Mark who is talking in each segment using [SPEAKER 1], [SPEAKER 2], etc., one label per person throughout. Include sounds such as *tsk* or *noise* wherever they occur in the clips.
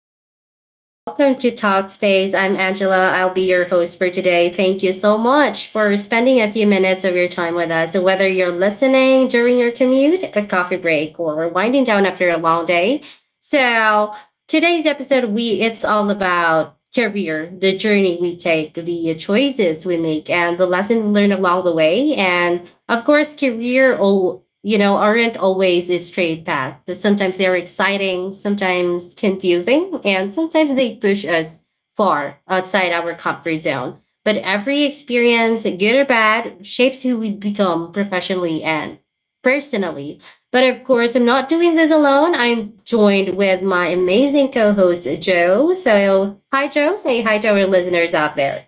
[SPEAKER 1] everyone, and welcome to Talkspace. I'm Angela. I'll be your host for today. Thank you so much for spending a few minutes of your time with us. So, whether you're listening during your commute, a coffee break, or winding down after a long day, so today's episode we it's all about career, the journey we take, the choices we make, and the lessons learned along the way. And of course, career all you know aren't always a straight path. Sometimes they're exciting, sometimes confusing, and sometimes they push us far outside our comfort zone. But every experience, good or bad, shapes who we become professionally and personally. But of course, I'm not doing this alone. I'm joined with my amazing co host, Joe. So, hi, Joe. Say hi to our listeners out there.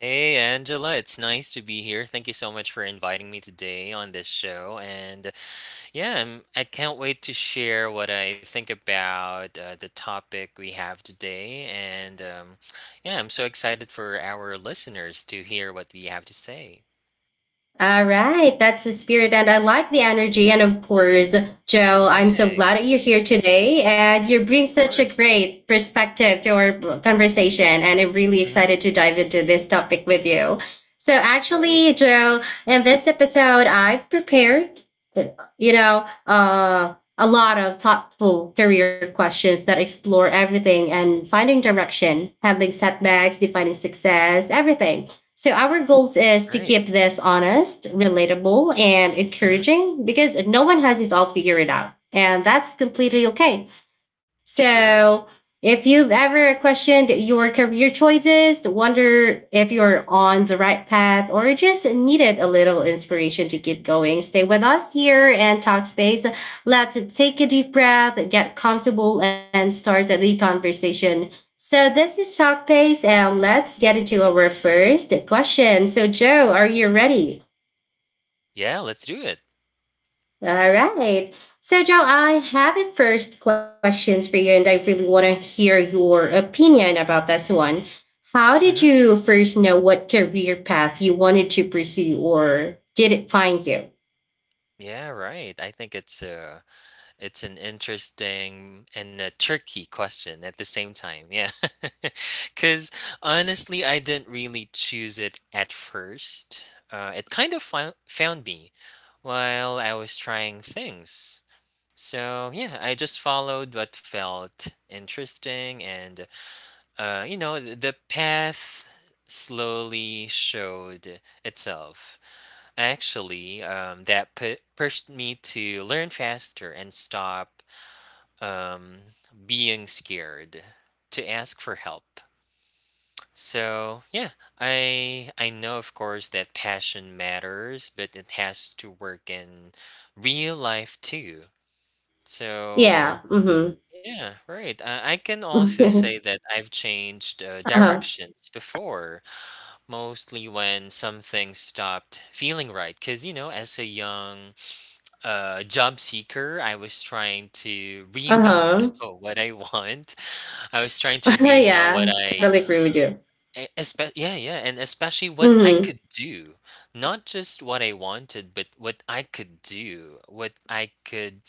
[SPEAKER 2] Hey Angela, it's nice to be here. Thank you so much for inviting me today on this show. And yeah, I can't wait to share what I think about the topic we have today. And yeah, I'm so excited for our listeners to hear what we have to say.
[SPEAKER 1] All right, that's the spirit, and I like the energy. And of course, Joe, I'm so glad that you're
[SPEAKER 2] Thanks.
[SPEAKER 1] here today, and you bring
[SPEAKER 2] Of
[SPEAKER 1] such a
[SPEAKER 2] course.
[SPEAKER 1] great perspective to our conversation. And I'm really
[SPEAKER 2] Mm-hmm.
[SPEAKER 1] excited to dive into this topic with you. So,
[SPEAKER 2] Right.
[SPEAKER 1] actually, Joe, in this episode, I've prepared, a lot of thoughtful career questions that explore everything and finding direction, handling setbacks, defining success, everything. So our goals is to
[SPEAKER 2] Right.
[SPEAKER 1] keep this honest, relatable, and
[SPEAKER 2] Mm-hmm.
[SPEAKER 1] encouraging because no one has it all figured out. And that's completely okay.
[SPEAKER 2] Sure.
[SPEAKER 1] So if you've ever questioned your career choices, wonder if you're on the right path, or just needed a little inspiration to keep going, stay with us here and talk space. Let's take a deep breath, get comfortable, and start the conversation, so this is Talk Pace, and let's get into our first question. So, Joe, are you ready?
[SPEAKER 2] Yeah, let's do it.
[SPEAKER 1] All right. So, Joe, I have a first questions for you, and I really want to hear your opinion about this one. How did
[SPEAKER 2] Mm-hmm.
[SPEAKER 1] you first know what career path you wanted to pursue, or did it find you?
[SPEAKER 2] Yeah, right. I think it's an interesting and a tricky question at the same time. Yeah. *laughs* Because honestly, I didn't really choose it at first. It kind of found me while I was trying things. So, yeah, I just followed what felt interesting, and, you know, the path slowly showed itself. Actually, that pushed me to learn faster and stop um, being scared to ask for help. So yeah, I know of course that passion matters, but it has to work in real life too.
[SPEAKER 1] Yeah.
[SPEAKER 2] So
[SPEAKER 1] Mm-hmm.
[SPEAKER 2] yeah, right. I can also say that I've changed
[SPEAKER 1] *laughs* Uh huh.
[SPEAKER 2] directions before, mostly when something stopped feeling right. Cause you know, as a young job seeker, I was trying to
[SPEAKER 1] Uh
[SPEAKER 2] really
[SPEAKER 1] huh.
[SPEAKER 2] know *laughs* what I want I was trying
[SPEAKER 1] *laughs*
[SPEAKER 2] to really know
[SPEAKER 1] Yeah. Totally agree with you.
[SPEAKER 2] e- espe yeah, yeah, and especially what I
[SPEAKER 1] Mm-hmm.
[SPEAKER 2] could do, not just what I wanted, but what I could do, what I could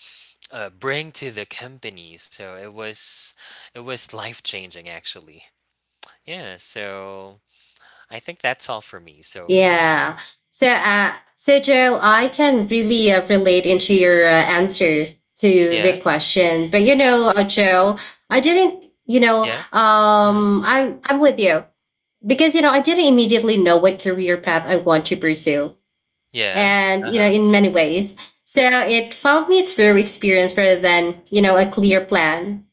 [SPEAKER 2] bring to the company. So it was life changing actually. Yeah. So I think that's all for me so far.
[SPEAKER 1] Yeah. So, so Joe, I can really relate into your answer to
[SPEAKER 2] Yeah.
[SPEAKER 1] the question. But you know, Joe, I didn't. You know,
[SPEAKER 2] Yeah. Hmm.
[SPEAKER 1] I'm with you because you know I didn't immediately know what career path I want to pursue,
[SPEAKER 2] Yeah. Uh
[SPEAKER 1] and you know
[SPEAKER 2] huh.
[SPEAKER 1] in many ways, so it felt me through experience rather than, you know, a clear plan.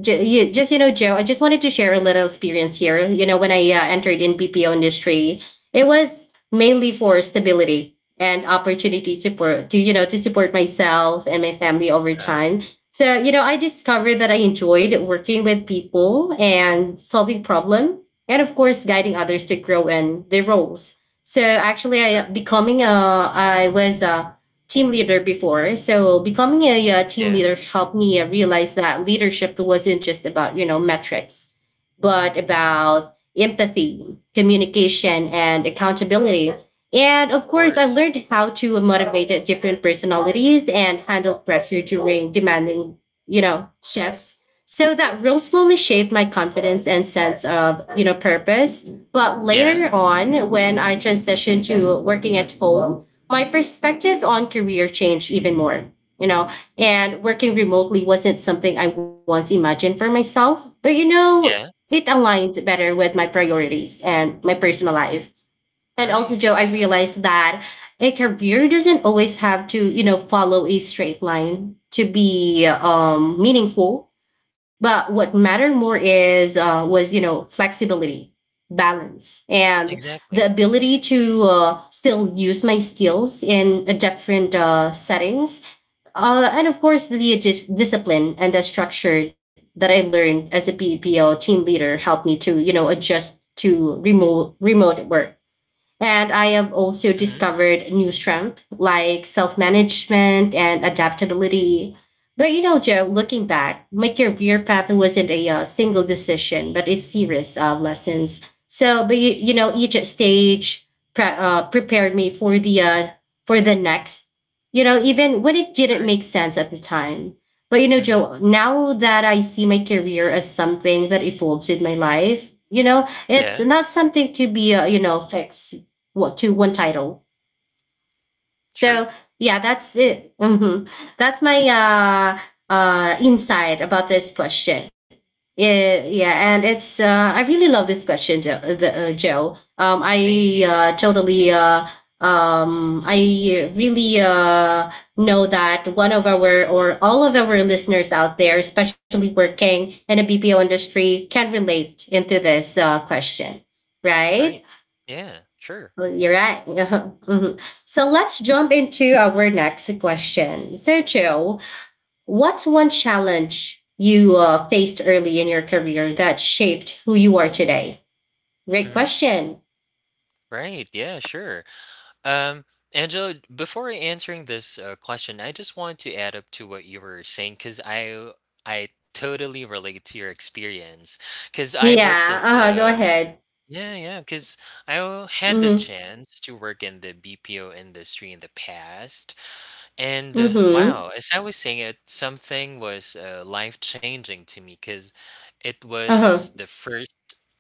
[SPEAKER 1] Just you know, Joe, I just wanted to share a little experience here. You know, when I entered in PPO industry, it
[SPEAKER 2] Hmm.
[SPEAKER 1] was mainly for stability and opportunity support to, you know, to support myself and my family over
[SPEAKER 2] Uh-huh.
[SPEAKER 1] time. So you know, I discovered that I enjoyed working with people and solving problem, and of course guiding others to grow in their roles. So actually, I uh,
[SPEAKER 2] Sure.
[SPEAKER 1] becoming a I was a team leader before. So becoming a, uh, team
[SPEAKER 2] Yeah.
[SPEAKER 1] leader helped me realize that leadership wasn't just about, you know, metrics, but about empathy, communication, and accountability. And
[SPEAKER 2] Of
[SPEAKER 1] of course, I
[SPEAKER 2] course.
[SPEAKER 1] learned how to motivate different personalities and handle pressure during demanding, you know, shifts. So that role slowly shaped my confidence and sense of, you know, purpose. But
[SPEAKER 2] Yeah.
[SPEAKER 1] later on, when I transitioned to working at home, my perspective on career changed even more, you know, and working remotely wasn't something I once imagined for myself. But, you know,
[SPEAKER 2] Yeah.
[SPEAKER 1] it aligns better with my priorities and my personal life. And also,
[SPEAKER 2] Nice.
[SPEAKER 1] Joe, I
[SPEAKER 2] Yeah.
[SPEAKER 1] realized that a career doesn't always have to, you know, follow a straight line to be meaningful. But what mattered more is was you know flexibility, balance, and the
[SPEAKER 2] Exactly.
[SPEAKER 1] ability to still use my skills in a different settings, and of course the discipline and the structure that I learned as a PPO team leader helped me to, you know, adjust to remote work, and I have also
[SPEAKER 2] Mm-hmm.
[SPEAKER 1] discovered new strength like self management and adaptability. But you know, Joe, looking back, my career path wasn't a single decision, but a series of lessons. So, but you know, each stage prepared me for the next. You know, even when it didn't
[SPEAKER 2] Great.
[SPEAKER 1] make sense at the time. But you know,
[SPEAKER 2] Mm-hmm.
[SPEAKER 1] Joe, now that I see my career as something that evolves in my life, you know, it's
[SPEAKER 2] Yeah.
[SPEAKER 1] not something to be you know fixed what to one title. So
[SPEAKER 2] Sure.
[SPEAKER 1] yeah, that's it. That's my insight about this question. Yeah, yeah, and it's I really love this question, Joe. The, Joe.
[SPEAKER 2] Same
[SPEAKER 1] I
[SPEAKER 2] here,
[SPEAKER 1] totally I really know that one of our or all of our listeners out there, especially working in a BPO industry, can relate into this questions, right?
[SPEAKER 2] right? Yeah, sure.
[SPEAKER 1] Well, you're right. *laughs* Mhm. So let's jump into our next question. So, Joe, what's one challenge you faced early in your career that shaped who you are today? Great
[SPEAKER 2] Mhm.
[SPEAKER 1] question.
[SPEAKER 2] Right. Yeah, sure. Um, Angela, before answering this question, I just want to add up to what you were saying because I totally relate to your experience because I worked in
[SPEAKER 1] Yeah. Uh huh. Go
[SPEAKER 2] the
[SPEAKER 1] ahead.
[SPEAKER 2] yeah yeah because I had the
[SPEAKER 1] Mm
[SPEAKER 2] chance to work in the BPO industry in the past.
[SPEAKER 1] hmm.
[SPEAKER 2] And
[SPEAKER 1] Mm hmm.
[SPEAKER 2] wow, as I was saying it, something was life changing to me because it
[SPEAKER 1] Uh
[SPEAKER 2] was
[SPEAKER 1] huh.
[SPEAKER 2] the first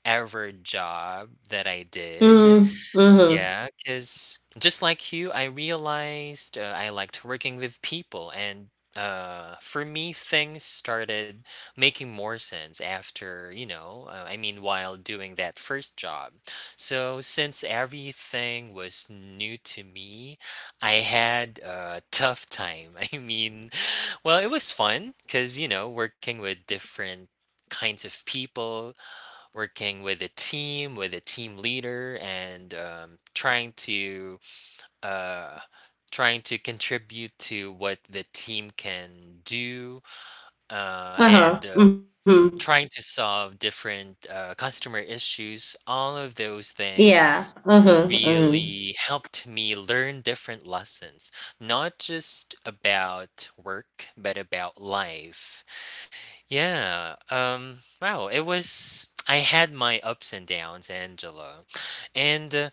[SPEAKER 2] ever job that I did.
[SPEAKER 1] Mm hmm.
[SPEAKER 2] Yeah, cause just like you, I realized, I liked working with people, and, for me, things started making more sense after, you know, I mean, while doing that first job. So since everything was new to me, I had a tough time. *laughs* I mean, well, it was fun because you know, working with different kinds of people, working with a team leader, and trying to uh, trying to contribute to what the team can do,
[SPEAKER 1] Uh
[SPEAKER 2] and
[SPEAKER 1] huh. Mm hmm.
[SPEAKER 2] trying to solve different customer issues. All of those
[SPEAKER 1] Yeah.
[SPEAKER 2] things
[SPEAKER 1] Uh huh. Mm hmm.
[SPEAKER 2] really helped me learn different lessons, not just about work, but about life. Yeah. Wow. It was. I had my ups and downs, Angela. And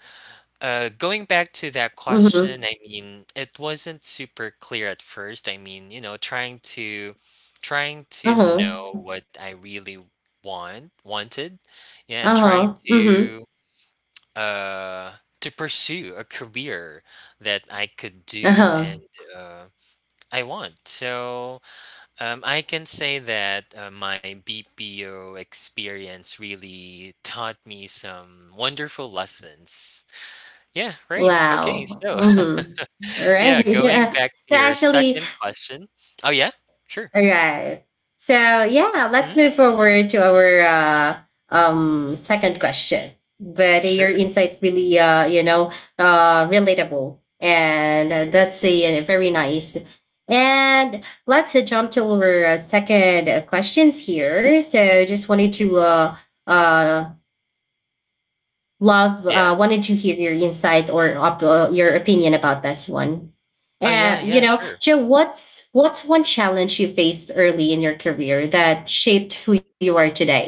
[SPEAKER 2] going back to that
[SPEAKER 1] Mm hmm.
[SPEAKER 2] question, I mean, it wasn't super clear at first. I mean, you know, trying to trying to
[SPEAKER 1] Uh
[SPEAKER 2] know
[SPEAKER 1] huh.
[SPEAKER 2] what I really wanted, yeah, and
[SPEAKER 1] Uh
[SPEAKER 2] trying
[SPEAKER 1] huh. Mm hmm.
[SPEAKER 2] uh to pursue a career that I could
[SPEAKER 1] Uh
[SPEAKER 2] do and
[SPEAKER 1] huh.
[SPEAKER 2] uh, I want. So I can say that my BPO experience really taught me some wonderful lessons. Yeah, right. Okay,
[SPEAKER 1] Wow.
[SPEAKER 2] so *laughs*
[SPEAKER 1] Mm hmm.
[SPEAKER 2] yeah, going
[SPEAKER 1] Right. *laughs*
[SPEAKER 2] back
[SPEAKER 1] So
[SPEAKER 2] to your
[SPEAKER 1] actually,
[SPEAKER 2] second question. Oh yeah, sure.
[SPEAKER 1] All right. So yeah,
[SPEAKER 2] Hmm.
[SPEAKER 1] let's move forward to our second question. But your
[SPEAKER 2] Sure.
[SPEAKER 1] insight really, you know, relatable, and that's a, very nice. And let's jump to our second questions here. So just wanted to uh, love,
[SPEAKER 2] Yeah.
[SPEAKER 1] wanted to hear your insight or your opinion about this one.
[SPEAKER 2] Oh yeah,
[SPEAKER 1] You
[SPEAKER 2] yeah,
[SPEAKER 1] know,
[SPEAKER 2] sure.
[SPEAKER 1] Joe, what's one challenge you faced early in your career that shaped who you are today?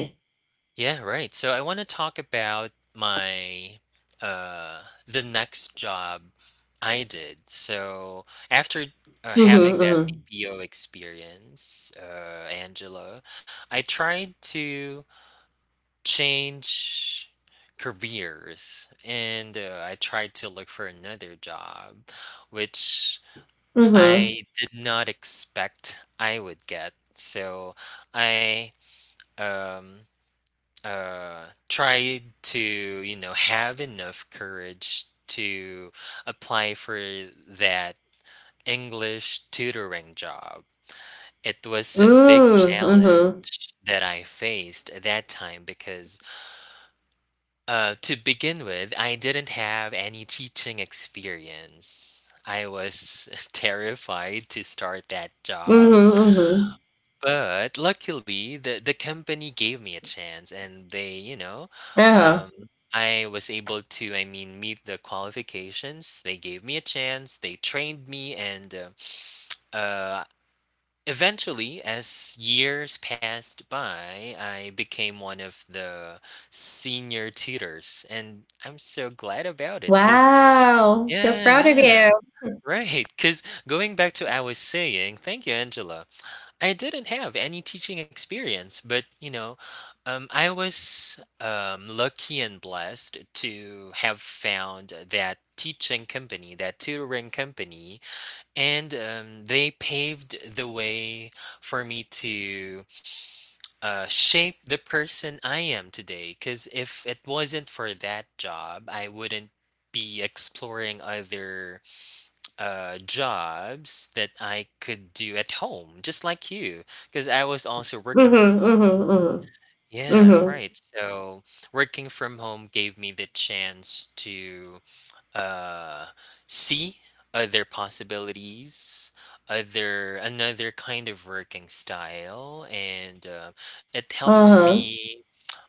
[SPEAKER 2] Yeah, right. So I want to talk about my the next job I did. So after having that
[SPEAKER 1] Mm-hmm.
[SPEAKER 2] BPO experience, Angela, I tried to change careers, and I tried to look for another job which
[SPEAKER 1] Mm-hmm.
[SPEAKER 2] I did not expect I would get. So I um try to you know have enough courage to apply for that English tutoring job. It was a big
[SPEAKER 1] Mm-hmm. Mm, Mm-hmm.
[SPEAKER 2] challenge that I faced at that time because to begin with, I didn't have any teaching experience. I was *laughs* terrified to start that
[SPEAKER 1] Mm-hmm.
[SPEAKER 2] job.
[SPEAKER 1] Hmm mm hmm.
[SPEAKER 2] But luckily, the company gave me a chance, and they, you know,
[SPEAKER 1] Uh-huh.
[SPEAKER 2] um, I was able to, I mean, meet the qualifications. They gave me a chance. They trained me, and uh, eventually, as years passed by, I became one of the senior tutors, and I'm so glad about it. Cause
[SPEAKER 1] Wow. So
[SPEAKER 2] yeah,
[SPEAKER 1] proud of
[SPEAKER 2] yeah,
[SPEAKER 1] you.
[SPEAKER 2] right. Cause going back to I was saying, thank you, Angela. I didn't have any teaching experience, but you know, I was lucky and blessed to have found that teaching company, that tutoring company, and they paved the way for me to shape the person I am today. Because if it wasn't for that job, I wouldn't be exploring other jobs that I could do at home, just like you, because I was also working from
[SPEAKER 1] Mm-hmm.
[SPEAKER 2] home.
[SPEAKER 1] Mm-hmm. Mm-hmm.
[SPEAKER 2] Yeah,
[SPEAKER 1] Mm-hmm.
[SPEAKER 2] right. So working from home gave me the chance to uh, see other possibilities, other another kind of working style, and it helped
[SPEAKER 1] Uh-huh.
[SPEAKER 2] me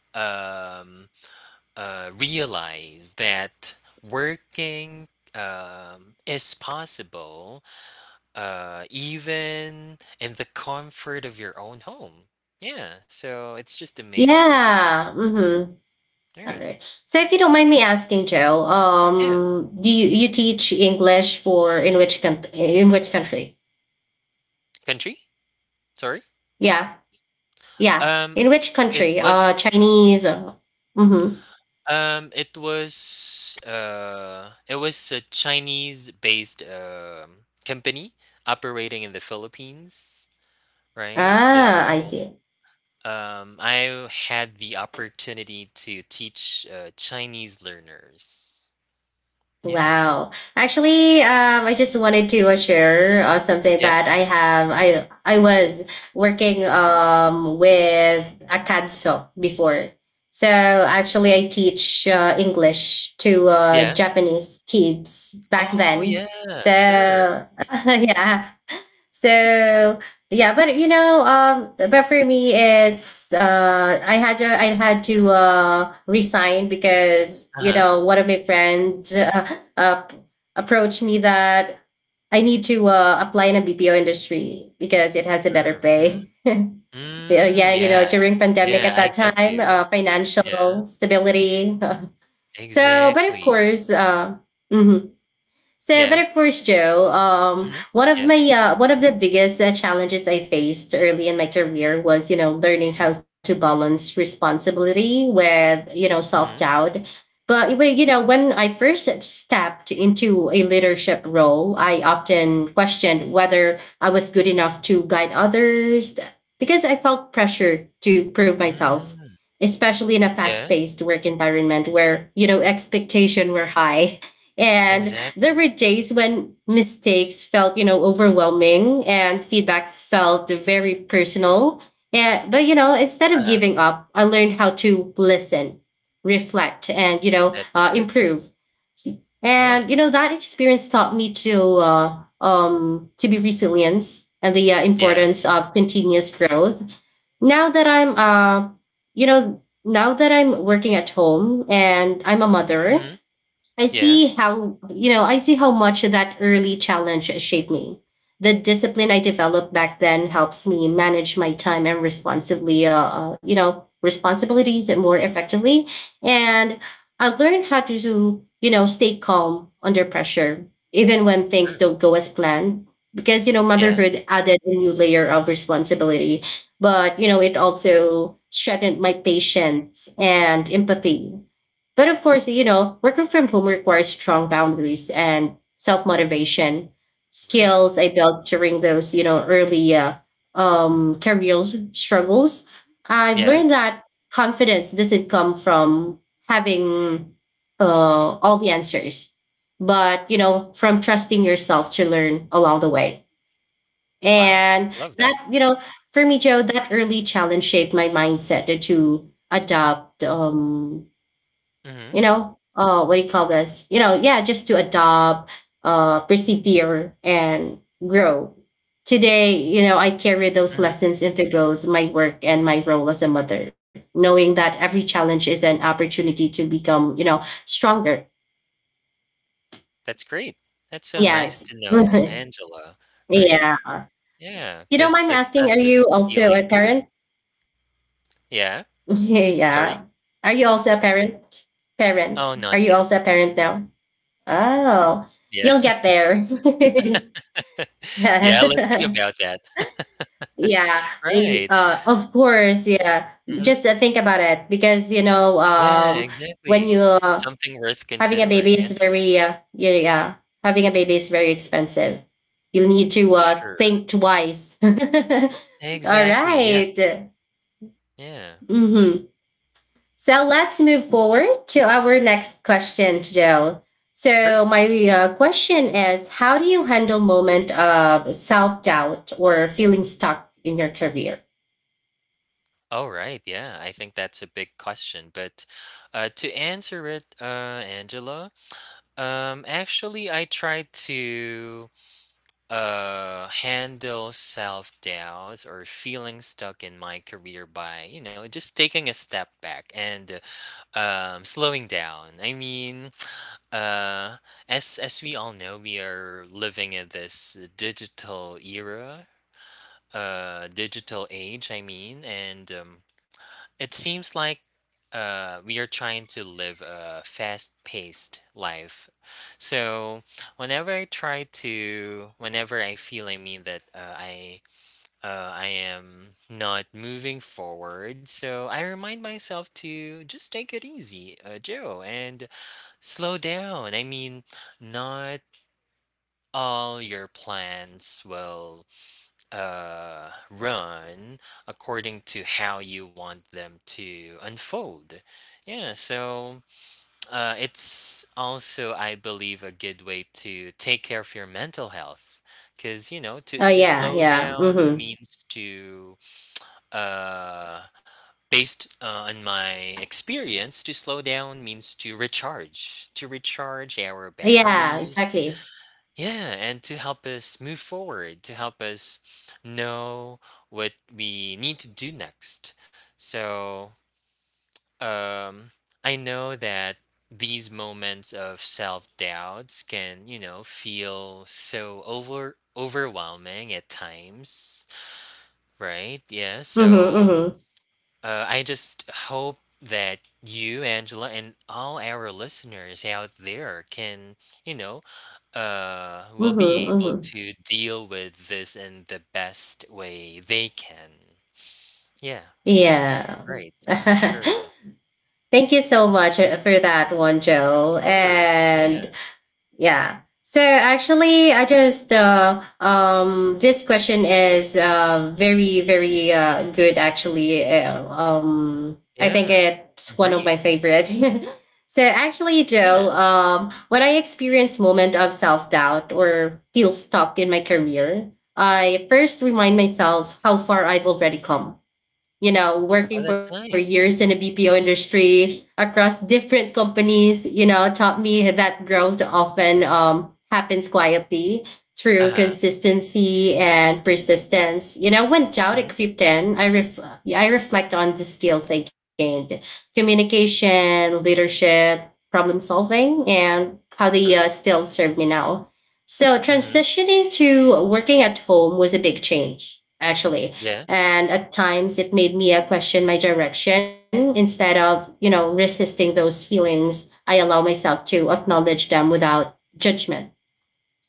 [SPEAKER 2] um, realize that working is possible even in the comfort of your own home. Yeah, so it's just amazing to see
[SPEAKER 1] Yeah. Mm-hmm.
[SPEAKER 2] that. All
[SPEAKER 1] All
[SPEAKER 2] right.
[SPEAKER 1] right. So if you don't mind me asking, Joe,
[SPEAKER 2] Yeah.
[SPEAKER 1] do you teach English for in which in which country?
[SPEAKER 2] Country? Sorry.
[SPEAKER 1] Yeah, yeah.
[SPEAKER 2] Um,
[SPEAKER 1] In which
[SPEAKER 2] it
[SPEAKER 1] country?
[SPEAKER 2] was
[SPEAKER 1] Chinese. Mm-hmm.
[SPEAKER 2] it was a Chinese-based company operating in the Philippines, right?
[SPEAKER 1] Ah, I
[SPEAKER 2] So
[SPEAKER 1] see.
[SPEAKER 2] I had the opportunity to teach Chinese learners. Yeah.
[SPEAKER 1] Wow. Actually, I just wanted to share something
[SPEAKER 2] Yeah.
[SPEAKER 1] that I have. I was working with a kanso before. So actually, I teach English to
[SPEAKER 2] Yeah.
[SPEAKER 1] Japanese kids back
[SPEAKER 2] Oh,
[SPEAKER 1] then.
[SPEAKER 2] yeah,
[SPEAKER 1] So *laughs*
[SPEAKER 2] sure.
[SPEAKER 1] yeah, so yeah, but you know, but for me, it's I had to resign because you
[SPEAKER 2] Uh-huh.
[SPEAKER 1] know one of my friends uh, approached me that I need to apply in a BPO industry because it has a better
[SPEAKER 2] Sure. Mhm.
[SPEAKER 1] pay. *laughs* Yeah,
[SPEAKER 2] Mm,
[SPEAKER 1] yeah, you know,
[SPEAKER 2] yeah.
[SPEAKER 1] during pandemic
[SPEAKER 2] Yeah,
[SPEAKER 1] at
[SPEAKER 2] I
[SPEAKER 1] that
[SPEAKER 2] get
[SPEAKER 1] time,
[SPEAKER 2] you. Yeah,
[SPEAKER 1] financial stability. *laughs* So, but of
[SPEAKER 2] exactly.
[SPEAKER 1] course, mhm. So, but
[SPEAKER 2] Yeah.
[SPEAKER 1] of course, Joe,
[SPEAKER 2] Mhm.
[SPEAKER 1] one of
[SPEAKER 2] Yeah.
[SPEAKER 1] my one of the biggest challenges I faced early in my career was, you know, learning how to balance responsibility with, you know, self
[SPEAKER 2] Mhm.
[SPEAKER 1] doubt. But well, you know, when I first stepped into a leadership role, I often questioned whether I was good enough to guide others because I felt pressure to prove myself,
[SPEAKER 2] Mm,
[SPEAKER 1] especially in a
[SPEAKER 2] yeah,
[SPEAKER 1] fast-paced work environment where you know expectations were high, and there
[SPEAKER 2] exactly.
[SPEAKER 1] were days when mistakes felt, you know, overwhelming and feedback felt very personal. But, you know, instead of
[SPEAKER 2] Uh-huh.
[SPEAKER 1] giving up, I learned how to listen, reflect, and, you know,
[SPEAKER 2] That's
[SPEAKER 1] uh,
[SPEAKER 2] good.
[SPEAKER 1] improve.
[SPEAKER 2] Yeah.
[SPEAKER 1] And, you know, that experience taught me to be resilient and the
[SPEAKER 2] Yeah.
[SPEAKER 1] importance of continuous growth. Now that I'm, you know, now that I'm working at home and I'm a mother,
[SPEAKER 2] Mhm.
[SPEAKER 1] I
[SPEAKER 2] Yeah,
[SPEAKER 1] see how, I see how much that early challenge shaped me. The discipline I developed back then helps me manage my time and responsibly, you know, responsibilities more effectively. And I learned how to, do, you know, stay calm under pressure, even when things
[SPEAKER 2] sure.
[SPEAKER 1] don't go as planned. Because, you know,
[SPEAKER 2] Yeah,
[SPEAKER 1] motherhood added a new layer of responsibility, but, you know, it also strengthened my patience and empathy. But of course, you know, working from home requires strong boundaries and self motivation
[SPEAKER 2] right.
[SPEAKER 1] skills I built during those, you know, early career struggles. I've
[SPEAKER 2] Yeah.
[SPEAKER 1] learned that confidence doesn't come from having all the answers, but, you know, from trusting yourself to learn along the way.
[SPEAKER 2] Wow,
[SPEAKER 1] And
[SPEAKER 2] love that.
[SPEAKER 1] that, you know, for me, Joe, that early challenge shaped my mindset to adapt.
[SPEAKER 2] Mhm.
[SPEAKER 1] You know what do you call this you know Yeah, just to adopt persevere and grow today. You know, I carry those
[SPEAKER 2] Mhm.
[SPEAKER 1] lessons into both my work and my role as a mother, knowing that every challenge is an opportunity to become stronger.
[SPEAKER 2] That's great. That's so nice
[SPEAKER 1] Yes.
[SPEAKER 2] to know, Angela.
[SPEAKER 1] *laughs*
[SPEAKER 2] Right.
[SPEAKER 1] Yeah.
[SPEAKER 2] Yeah.
[SPEAKER 1] You don't
[SPEAKER 2] Because
[SPEAKER 1] mind me asking, are
[SPEAKER 2] success
[SPEAKER 1] you
[SPEAKER 2] is
[SPEAKER 1] also a
[SPEAKER 2] feeling good.
[SPEAKER 1] parent?
[SPEAKER 2] Yeah?
[SPEAKER 1] *laughs*
[SPEAKER 2] Sorry?
[SPEAKER 1] Yeah, are you also a parent?
[SPEAKER 2] Oh,
[SPEAKER 1] Are
[SPEAKER 2] not
[SPEAKER 1] you
[SPEAKER 2] yet.
[SPEAKER 1] also a parent now? Oh.
[SPEAKER 2] Yeah.
[SPEAKER 1] You'll
[SPEAKER 2] *laughs*
[SPEAKER 1] get there. *laughs*
[SPEAKER 2] Yeah, let's see
[SPEAKER 1] Yeah. *laughs*
[SPEAKER 2] about that.
[SPEAKER 1] Yeah,
[SPEAKER 2] *laughs* Right.
[SPEAKER 1] of course, yeah.
[SPEAKER 2] Mhm.
[SPEAKER 1] Just think about it, because
[SPEAKER 2] Yeah,
[SPEAKER 1] when
[SPEAKER 2] exactly.
[SPEAKER 1] you
[SPEAKER 2] Something worth
[SPEAKER 1] having a
[SPEAKER 2] considering,
[SPEAKER 1] baby is
[SPEAKER 2] Angela.
[SPEAKER 1] very uh, yeah, yeah having a baby is very expensive. You'll need to
[SPEAKER 2] Sure.
[SPEAKER 1] think twice. *laughs* All
[SPEAKER 2] Exactly, yes.
[SPEAKER 1] right.
[SPEAKER 2] Yeah.
[SPEAKER 1] Mhm. So let's move forward to our next question, Joe. So
[SPEAKER 2] Sure.
[SPEAKER 1] my question is, how do you handle moment of self doubt or feeling stuck in your career?
[SPEAKER 2] Alright, yeah, I think that's a big question, but, to answer it, Angela, actually, I try to, handle self-doubts or feeling stuck in my career by, you know, just taking a step back and slowing down. I mean, uh as we all know, we are living in this digital era, digital age, I mean. And it seems like we are trying to live a fast paced life. So whenever I try to, whenever I feel, I mean, that I am not moving forward, so I remind myself to just take it easy, Joe, and slow down. I mean, not all your plans will run according to how you want them to unfold. Yeah, so it's also, I believe, a good way to take care of your mental health. Because, you know,
[SPEAKER 1] Oh
[SPEAKER 2] to
[SPEAKER 1] yeah,
[SPEAKER 2] slow
[SPEAKER 1] yeah,
[SPEAKER 2] down
[SPEAKER 1] mm-hmm.
[SPEAKER 2] means to, uh, based on my experience, to slow down means to recharge our
[SPEAKER 1] Yeah,
[SPEAKER 2] batteries.
[SPEAKER 1] exactly.
[SPEAKER 2] Yeah, and to help us move forward, to help us know what we need to do next. So, um, I know that these moments of self-doubts can, you know, feel so overwhelming at times, right? Yeah,
[SPEAKER 1] Mm-hmm,
[SPEAKER 2] so
[SPEAKER 1] mm-hmm,
[SPEAKER 2] I just hope that you, Angela, and all our listeners out there can, you know, will
[SPEAKER 1] mm-hmm,
[SPEAKER 2] be able
[SPEAKER 1] mm-hmm.
[SPEAKER 2] to deal with this in the best way they can. Yeah,
[SPEAKER 1] Yeah.
[SPEAKER 2] right.
[SPEAKER 1] *laughs*
[SPEAKER 2] Sure.
[SPEAKER 1] Thank you so much
[SPEAKER 2] Hmm.
[SPEAKER 1] for that one,
[SPEAKER 2] Of
[SPEAKER 1] Joe.
[SPEAKER 2] course. Yeah.
[SPEAKER 1] And yeah. So actually, I just this question is very very good. Actually, I think
[SPEAKER 2] Yeah.
[SPEAKER 1] it's one of my
[SPEAKER 2] Agree.
[SPEAKER 1] favorite. *laughs* So actually,
[SPEAKER 2] Yeah.
[SPEAKER 1] Joe, when I experience moment of self doubt or feel stuck in my career, I first remind myself how far I've already come. You know,
[SPEAKER 2] Oh,
[SPEAKER 1] working for
[SPEAKER 2] that's nice.
[SPEAKER 1] years in the BPO industry across different companies, you know, taught me that growth often happens quietly through
[SPEAKER 2] Uh huh.
[SPEAKER 1] consistency and persistence. You know, when doubt it
[SPEAKER 2] Hmm.
[SPEAKER 1] crept in, I reflect on the skills I gained: communication, leadership, problem solving, and how they
[SPEAKER 2] Sure.
[SPEAKER 1] still serve me now. So
[SPEAKER 2] Hmm.
[SPEAKER 1] transitioning to working at home was a big change, actually,
[SPEAKER 2] Yeah.
[SPEAKER 1] and at times it made me question my direction. Instead of you know resisting those feelings, I allow myself to acknowledge them without judgment.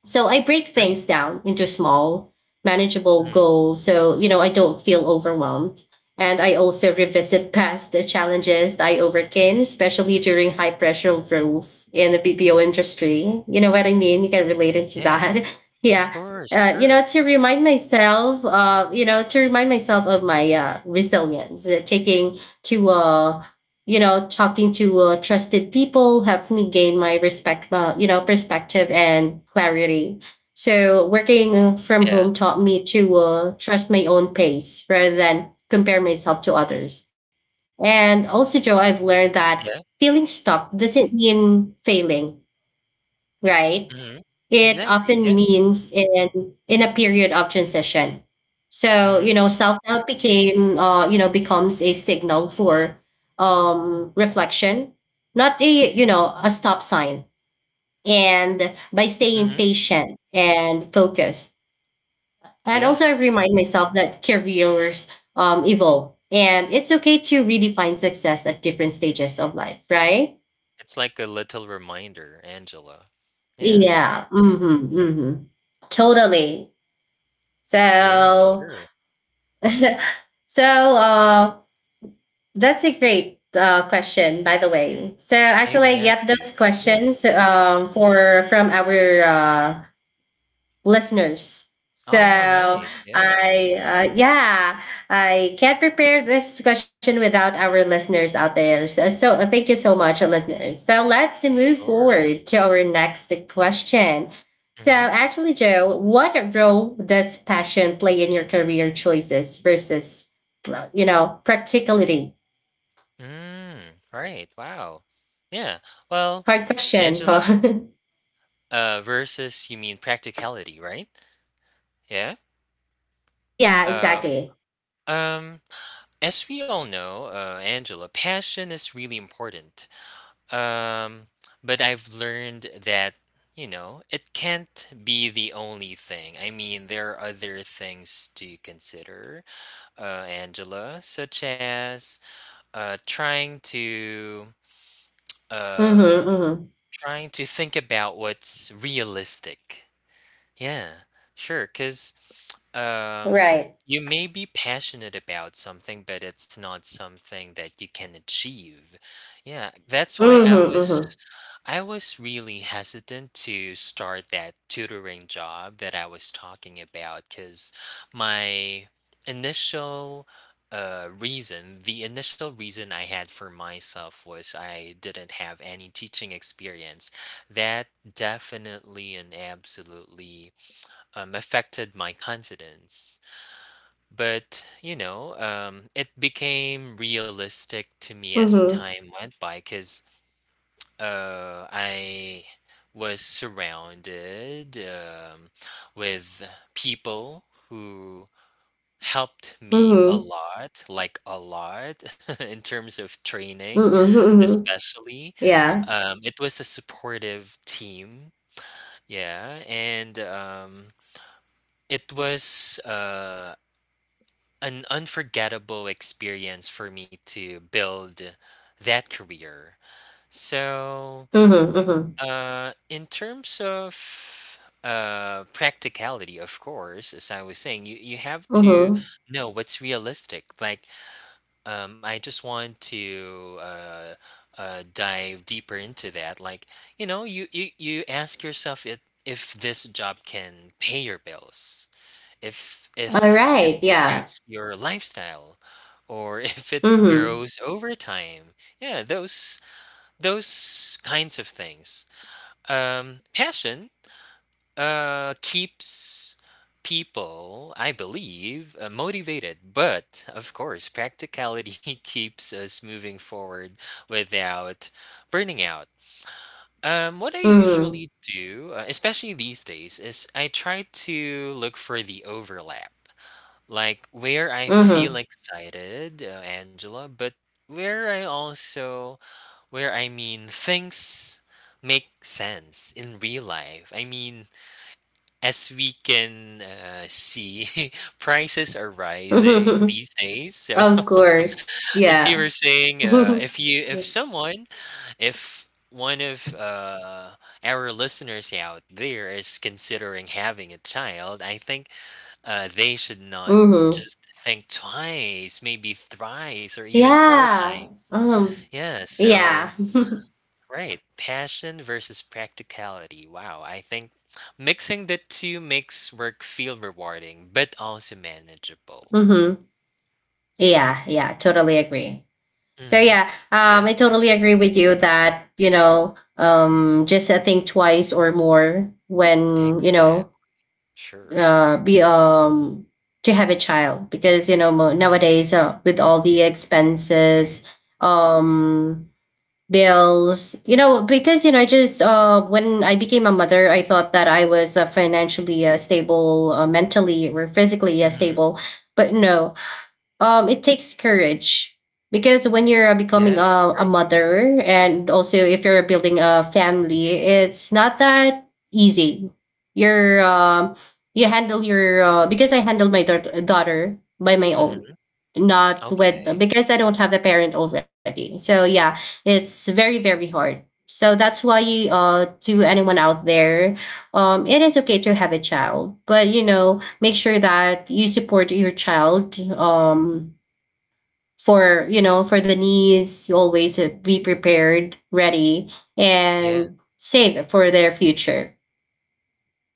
[SPEAKER 1] So I break
[SPEAKER 2] Nice.
[SPEAKER 1] things down into small, manageable
[SPEAKER 2] Hmm.
[SPEAKER 1] goals so, you know, I don't feel overwhelmed. And I also revisit past the challenges I overcame, especially during high pressure roles in the BPO industry. You know what I mean? You can relate it to
[SPEAKER 2] Yeah.
[SPEAKER 1] that. *laughs*
[SPEAKER 2] Of
[SPEAKER 1] Yeah.
[SPEAKER 2] course.
[SPEAKER 1] You know,
[SPEAKER 2] Sure.
[SPEAKER 1] to remind myself of my resilience, taking to you know talking to trusted people helps me gain my respect you know perspective and clarity. So working from home
[SPEAKER 2] Yeah.
[SPEAKER 1] taught me to trust my own pace rather than compare myself to others. And also, Joe, I've learned that
[SPEAKER 2] Yeah.
[SPEAKER 1] feeling stuck doesn't mean failing, right?
[SPEAKER 2] Hmm.
[SPEAKER 1] It
[SPEAKER 2] Exactly.
[SPEAKER 1] often
[SPEAKER 2] Yes.
[SPEAKER 1] means in a period of transition. So you
[SPEAKER 2] Mhm,
[SPEAKER 1] know self-doubt became you know becomes a signal for reflection, not a you know a stop sign. And by staying
[SPEAKER 2] mhm,
[SPEAKER 1] patient and focused, and
[SPEAKER 2] yeah,
[SPEAKER 1] also I remind myself that careers evolve and it's okay to redefine success at different stages of life, right?
[SPEAKER 2] it's like a little reminder, Angela. Yeah,
[SPEAKER 1] Yeah, mm-hmm, mm-hmm. Totally.
[SPEAKER 2] yeah,
[SPEAKER 1] So
[SPEAKER 2] sure,
[SPEAKER 1] *laughs* so uh, that's a great question, by the way. So actually, I get those
[SPEAKER 2] exactly, yes.
[SPEAKER 1] questions for from our listeners.
[SPEAKER 2] Oh,
[SPEAKER 1] So
[SPEAKER 2] nice, yeah,
[SPEAKER 1] I yeah, I can't prepare this question without our listeners out there. So, so thank you so much, listeners. So let's
[SPEAKER 2] of
[SPEAKER 1] move forward
[SPEAKER 2] course.
[SPEAKER 1] to our next question. So
[SPEAKER 2] Mhm,
[SPEAKER 1] actually, Joe, what role does passion play in your career choices versus you know practicality?
[SPEAKER 2] mm, right, wow, yeah, well,
[SPEAKER 1] Hard question,
[SPEAKER 2] Angela,
[SPEAKER 1] huh? *laughs*
[SPEAKER 2] versus you mean practicality, right? Yeah,
[SPEAKER 1] Yeah,
[SPEAKER 2] uh,
[SPEAKER 1] exactly.
[SPEAKER 2] um, as we all know, Angela, passion is really important. Um, but I've learned that, you know, it can't be the only thing. I mean, there are other things to consider, Angela, such as trying to
[SPEAKER 1] Mm-hmm,
[SPEAKER 2] uh,
[SPEAKER 1] mm-hmm.
[SPEAKER 2] trying to think about what's realistic. Yeah, sure, 'cause um,
[SPEAKER 1] Right.
[SPEAKER 2] you may be passionate about something, but it's not something that you can achieve. Yeah, that's why I was.
[SPEAKER 1] Mm-hmm,
[SPEAKER 2] I was really hesitant to start that tutoring job that I was talking about because my initial the initial reason I had for myself was I didn't have any teaching experience. That definitely and absolutely affected my confidence. But, you know, it became realistic to me
[SPEAKER 1] mm-hmm,
[SPEAKER 2] as
[SPEAKER 1] mm-hmm,
[SPEAKER 2] time went by because I was surrounded with people who helped me a
[SPEAKER 1] mm-hmm.
[SPEAKER 2] lot, like a lot, *laughs* in terms of training,
[SPEAKER 1] Mm-mm, mhm.
[SPEAKER 2] especially.
[SPEAKER 1] Yeah.
[SPEAKER 2] It was a supportive team, yeah, and it was an unforgettable experience for me to build that career. So
[SPEAKER 1] Mhm, mhm,
[SPEAKER 2] In terms of practicality, of course, as I was saying, you have to
[SPEAKER 1] mhm.
[SPEAKER 2] know what's realistic. Like, I just want to dive deeper into that. Like, you know, you ask yourself if this job can pay your bills,
[SPEAKER 1] All
[SPEAKER 2] if it
[SPEAKER 1] right. Yeah.
[SPEAKER 2] suits your lifestyle, or *laughs* if it
[SPEAKER 1] Mhm,
[SPEAKER 2] grows over time. Yeah, those kinds of things passion keeps people, I believe, motivated, but of course, practicality *laughs* keeps us moving forward without burning out. What I
[SPEAKER 1] mhm,
[SPEAKER 2] usually do, especially these days, is I try to look for the overlap, like where I feel
[SPEAKER 1] mhm.
[SPEAKER 2] excited, Angela, but where I also where things make sense in real life. I mean, as we can see, *laughs* prices are rising
[SPEAKER 1] *laughs*
[SPEAKER 2] these days. So,
[SPEAKER 1] Of course.
[SPEAKER 2] *laughs* as you were
[SPEAKER 1] Yeah.
[SPEAKER 2] saying,
[SPEAKER 1] *laughs*
[SPEAKER 2] if you if someone if one of our listeners out there is considering having a child, I think they should not
[SPEAKER 1] Mhm.
[SPEAKER 2] just think twice, maybe thrice, or even four
[SPEAKER 1] Yeah.
[SPEAKER 2] times. Yeah,
[SPEAKER 1] Yeah.
[SPEAKER 2] so.
[SPEAKER 1] *laughs*
[SPEAKER 2] Right. Passion versus practicality. Wow. I think mixing the two makes work feel rewarding, but also manageable.
[SPEAKER 1] Mhm.
[SPEAKER 2] Yeah.
[SPEAKER 1] Yeah. Yeah. Totally agree. So
[SPEAKER 2] Mm-hmm.
[SPEAKER 1] yeah.
[SPEAKER 2] Yeah.
[SPEAKER 1] I totally agree with you that you know. Just think twice or more when you know
[SPEAKER 2] Exactly. Sure.
[SPEAKER 1] be to have a child, because you know
[SPEAKER 2] Mm-hmm.
[SPEAKER 1] nowadays with all the expenses, um bills, you know. Because you know I just when I became a mother, I thought that I was financially stable, mentally or physically
[SPEAKER 2] Mm-hmm.
[SPEAKER 1] stable, but no. Um, it takes courage, because when you're
[SPEAKER 2] Yeah.
[SPEAKER 1] becoming a
[SPEAKER 2] Great.
[SPEAKER 1] mother, and also if you're building a family, it's not that easy. You're you handle your because I handle my daughter by my own,
[SPEAKER 2] Mm-hmm.
[SPEAKER 1] not with
[SPEAKER 2] Okay.
[SPEAKER 1] because I don't have a parent already. So yeah, it's very very hard. So that's why to anyone out there, it is okay to have a child, but you know make sure that you support your child, for the needs. You always be prepared, ready,
[SPEAKER 2] Yeah.
[SPEAKER 1] and save for their future,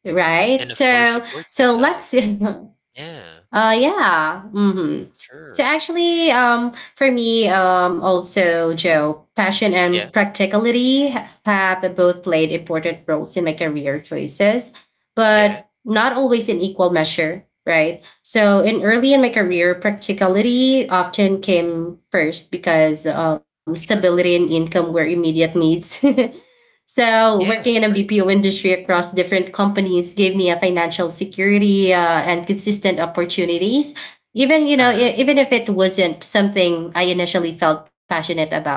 [SPEAKER 1] right?
[SPEAKER 2] And of course,
[SPEAKER 1] So
[SPEAKER 2] support
[SPEAKER 1] so
[SPEAKER 2] yourself.
[SPEAKER 1] let's *laughs*
[SPEAKER 2] Yeah.
[SPEAKER 1] yeah. Hmm. So
[SPEAKER 2] Sure.
[SPEAKER 1] actually, for me, also Joe, passion and
[SPEAKER 2] Yeah.
[SPEAKER 1] practicality have both played important roles in my career choices,
[SPEAKER 2] Yeah.
[SPEAKER 1] but not always in equal measure, right? So in early in my career, practicality often came first because
[SPEAKER 2] Sure.
[SPEAKER 1] stability and income were immediate needs. *laughs* So, working in
[SPEAKER 2] Yeah.
[SPEAKER 1] a
[SPEAKER 2] Great.
[SPEAKER 1] BPO industry across different companies gave me a financial security and consistent opportunities. Even you know,
[SPEAKER 2] Uh-huh.
[SPEAKER 1] even if it wasn't something I initially felt passionate about.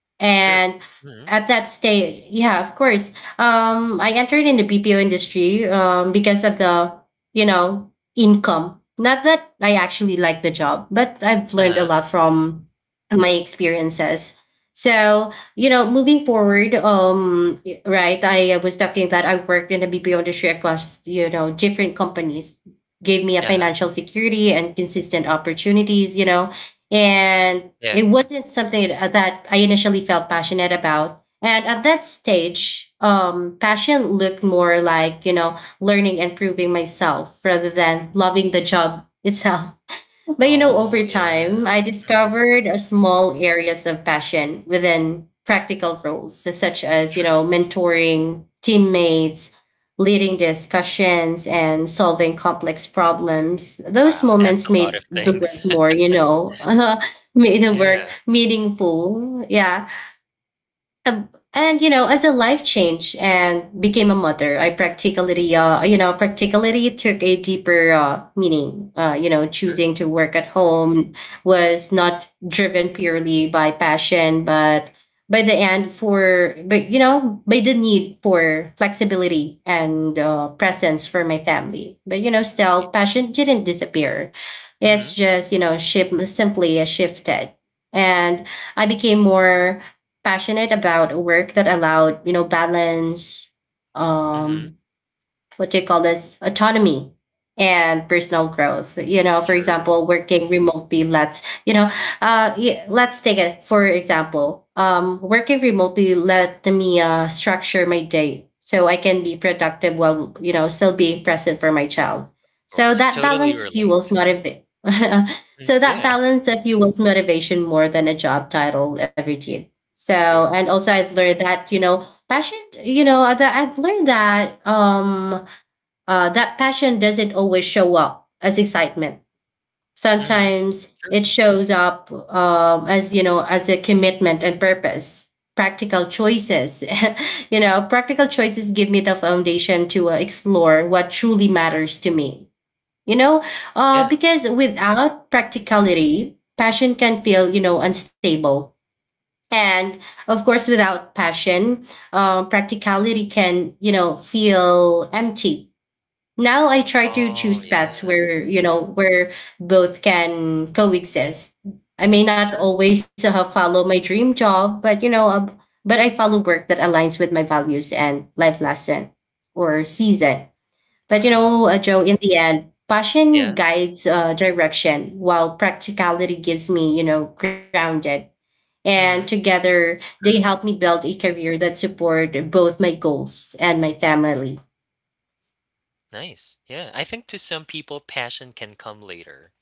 [SPEAKER 1] And
[SPEAKER 2] Sure. Mm-hmm.
[SPEAKER 1] at that stage, yeah, of course. I entered in the BPO industry because of the, you know, income. Not that I actually like the job, but I've learned a
[SPEAKER 2] Uh-huh.
[SPEAKER 1] lot from my experiences. So, you know, moving forward, right, I was talking that I worked in the BPO industry across, you know, different companies, gave me a
[SPEAKER 2] Uh-huh.
[SPEAKER 1] financial security and consistent opportunities, you know, and
[SPEAKER 2] Yeah.
[SPEAKER 1] it wasn't something that I initially felt passionate about. And at that stage, passion looked more like you know learning and proving myself rather than loving the job *laughs* itself. But you know,
[SPEAKER 2] Oh,
[SPEAKER 1] over
[SPEAKER 2] yeah.
[SPEAKER 1] time, I
[SPEAKER 2] Mm-hmm.
[SPEAKER 1] discovered a small areas of passion within practical roles, so such as, you
[SPEAKER 2] Sure.
[SPEAKER 1] know, mentoring teammates, leading discussions, and solving complex problems. Those
[SPEAKER 2] Wow, that's
[SPEAKER 1] moments
[SPEAKER 2] a lot of
[SPEAKER 1] made the
[SPEAKER 2] things.
[SPEAKER 1] work more,
[SPEAKER 2] *laughs*
[SPEAKER 1] you know, *laughs* made the
[SPEAKER 2] Yeah,
[SPEAKER 1] work meaningful. Yeah. And you know as a life change and became a mother, I practically practically took a deeper meaning. Uh, you know
[SPEAKER 2] sure,
[SPEAKER 1] choosing to work at home was not driven purely by passion, but by the end for but you know by the need for flexibility and presence for my family. But you know
[SPEAKER 2] right.
[SPEAKER 1] still passion didn't disappear, it's
[SPEAKER 2] Mhm,
[SPEAKER 1] just you know ship simply shifted. And I became more passionate about work that allowed you know balance,
[SPEAKER 2] mhm.
[SPEAKER 1] um what do you call this, autonomy and personal growth. You know, for
[SPEAKER 2] Sure, of
[SPEAKER 1] example, working remotely let's you know yeah, let's take it for example working remotely let me structure my day so I can be productive while you know still being present for my child. So
[SPEAKER 2] course,
[SPEAKER 1] that
[SPEAKER 2] totally
[SPEAKER 1] balance fuels
[SPEAKER 2] relate.
[SPEAKER 1] motivate *laughs*
[SPEAKER 2] Mm,
[SPEAKER 1] so that
[SPEAKER 2] yeah,
[SPEAKER 1] balance that fuels motivation more than a job title ever did. So
[SPEAKER 2] so
[SPEAKER 1] and
[SPEAKER 2] true.
[SPEAKER 1] also I've learned that you know passion you know that I've learned that that passion doesn't always show up as excitement.
[SPEAKER 2] Mhm,
[SPEAKER 1] Sometimes
[SPEAKER 2] sure,
[SPEAKER 1] it shows up as you know as a commitment and purpose. Practical choices, *laughs* you know, practical choices give me the foundation to explore what truly matters to me. You know,
[SPEAKER 2] yeah.
[SPEAKER 1] because without practicality, passion can feel you know unstable. And of course, without passion, practicality can you know feel empty. Now I try to
[SPEAKER 2] Oh,
[SPEAKER 1] choose paths
[SPEAKER 2] yeah.
[SPEAKER 1] where you know where both can coexist. I may not always follow my dream job, but you know, but I follow work that aligns with my values and life lesson or season. But you know,
[SPEAKER 2] Wow.
[SPEAKER 1] Joe, in the end, passion
[SPEAKER 2] Yeah,
[SPEAKER 1] guides direction, while practicality gives me you know grounded. And
[SPEAKER 2] mhm,
[SPEAKER 1] together, they
[SPEAKER 2] sure,
[SPEAKER 1] help me build a career that support both my goals and my family.
[SPEAKER 2] nice. Yeah, I think to some people, passion can come later.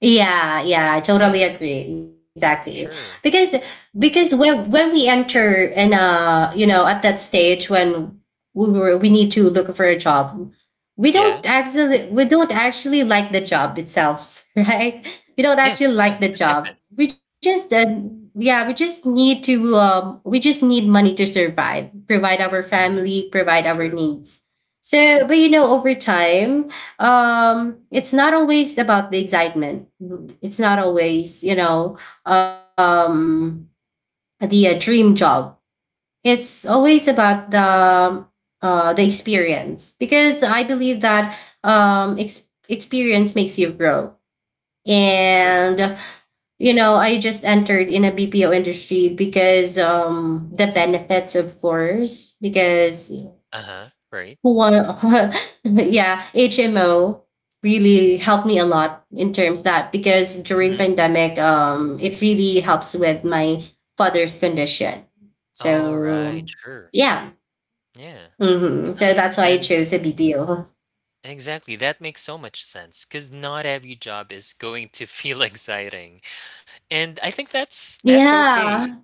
[SPEAKER 1] Yeah, yeah, I totally
[SPEAKER 2] Yeah,
[SPEAKER 1] agree. Exactly. Because
[SPEAKER 2] sure.
[SPEAKER 1] when we enter, and you know at that stage when we need to look for a job,
[SPEAKER 2] Yeah.
[SPEAKER 1] we don't actually like the job itself, *laughs* right? We don't
[SPEAKER 2] Yes,
[SPEAKER 1] actually
[SPEAKER 2] yeah,
[SPEAKER 1] like the
[SPEAKER 2] it happens.
[SPEAKER 1] job. We just yeah, we just need money to survive, provide our
[SPEAKER 2] Mhm,
[SPEAKER 1] family, provide our
[SPEAKER 2] sure,
[SPEAKER 1] needs. So, but you know, over time, it's not always about the excitement, it's not always you know, um the dream job. It's always about the experience, because I believe that experience makes you grow.
[SPEAKER 2] sure.
[SPEAKER 1] And you know I just entered in a BPO industry because the benefits, of course, because
[SPEAKER 2] Uh-huh, right.
[SPEAKER 1] well, *laughs* yeah, HMO really helped me a lot in terms that because during
[SPEAKER 2] Mhm.
[SPEAKER 1] pandemic, it really helps with my father's condition. So
[SPEAKER 2] Alright, sure.
[SPEAKER 1] yeah,
[SPEAKER 2] Yeah,
[SPEAKER 1] hmm so
[SPEAKER 2] nice,
[SPEAKER 1] that's why I
[SPEAKER 2] and
[SPEAKER 1] chose a BPO.
[SPEAKER 2] exactly, that makes so much sense because not every job is going to feel *laughs* exciting, and I think that's okay.
[SPEAKER 1] Yeah.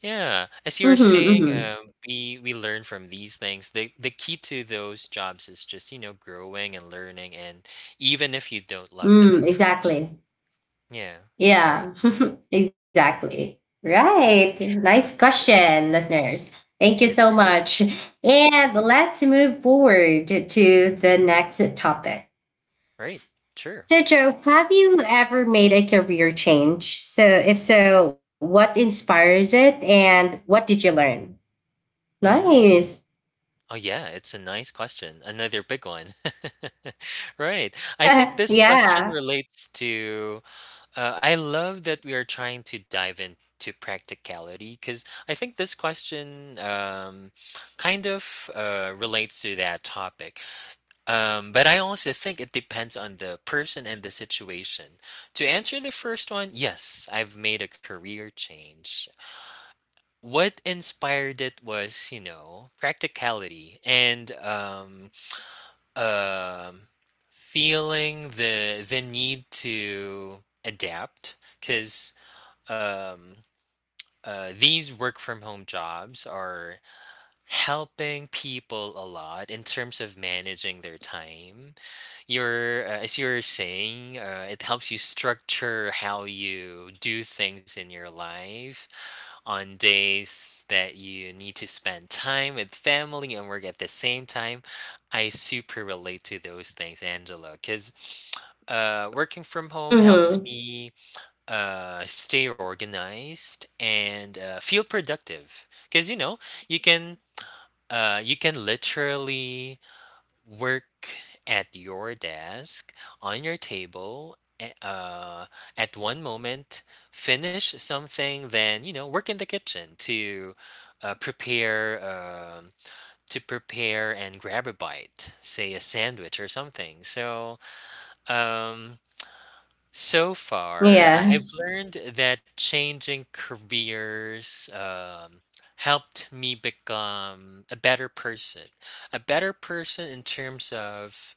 [SPEAKER 2] Yeah, as you were
[SPEAKER 1] Mm-hmm,
[SPEAKER 2] saying,
[SPEAKER 1] mm-hmm.
[SPEAKER 2] we learn from these things. The key to those jobs is just growing and learning, and even if you don't love them
[SPEAKER 1] Mm,
[SPEAKER 2] at first,
[SPEAKER 1] exactly.
[SPEAKER 2] yeah, right,
[SPEAKER 1] Yeah, *laughs* exactly. Right.
[SPEAKER 2] sure,
[SPEAKER 1] Nice
[SPEAKER 2] yeah,
[SPEAKER 1] question, listeners. Thank you
[SPEAKER 2] it
[SPEAKER 1] so
[SPEAKER 2] is,
[SPEAKER 1] much. And let's move forward to the next topic.
[SPEAKER 2] right, sure.
[SPEAKER 1] So, Joe, have you ever made a career change? So, if so, what inspires it and what did you learn?
[SPEAKER 2] Mm-hmm.
[SPEAKER 1] Nice.
[SPEAKER 2] Oh yeah, it's a nice question. Another big one. *laughs* Right. I think
[SPEAKER 1] *laughs*
[SPEAKER 2] this question
[SPEAKER 1] Yeah.
[SPEAKER 2] relates to. I love that we are trying to dive into practicality because I think this question kind of relates to that topic. But I also think it depends on the person and the situation. To answer the first one, yes, I've made a career change. What inspired it was, you know, practicality and um feeling the need to adapt because um, these work from home jobs are helping people a lot in terms of managing their time. As you are saying, it helps you structure how you do things in your life on days that you need to spend time with family and work at the same time. I super relate to those things, Angela, because working from home helps
[SPEAKER 1] Mm-hmm.
[SPEAKER 2] me stay organized and feel productive because you know you can literally work at your desk on your table at one moment finish something then you know work in the kitchen to prepare um, to prepare and grab a bite, say a sandwich or something. So um, so far,
[SPEAKER 1] Yeah.
[SPEAKER 2] I've learned that changing careers helped me become a better person. A better person in terms of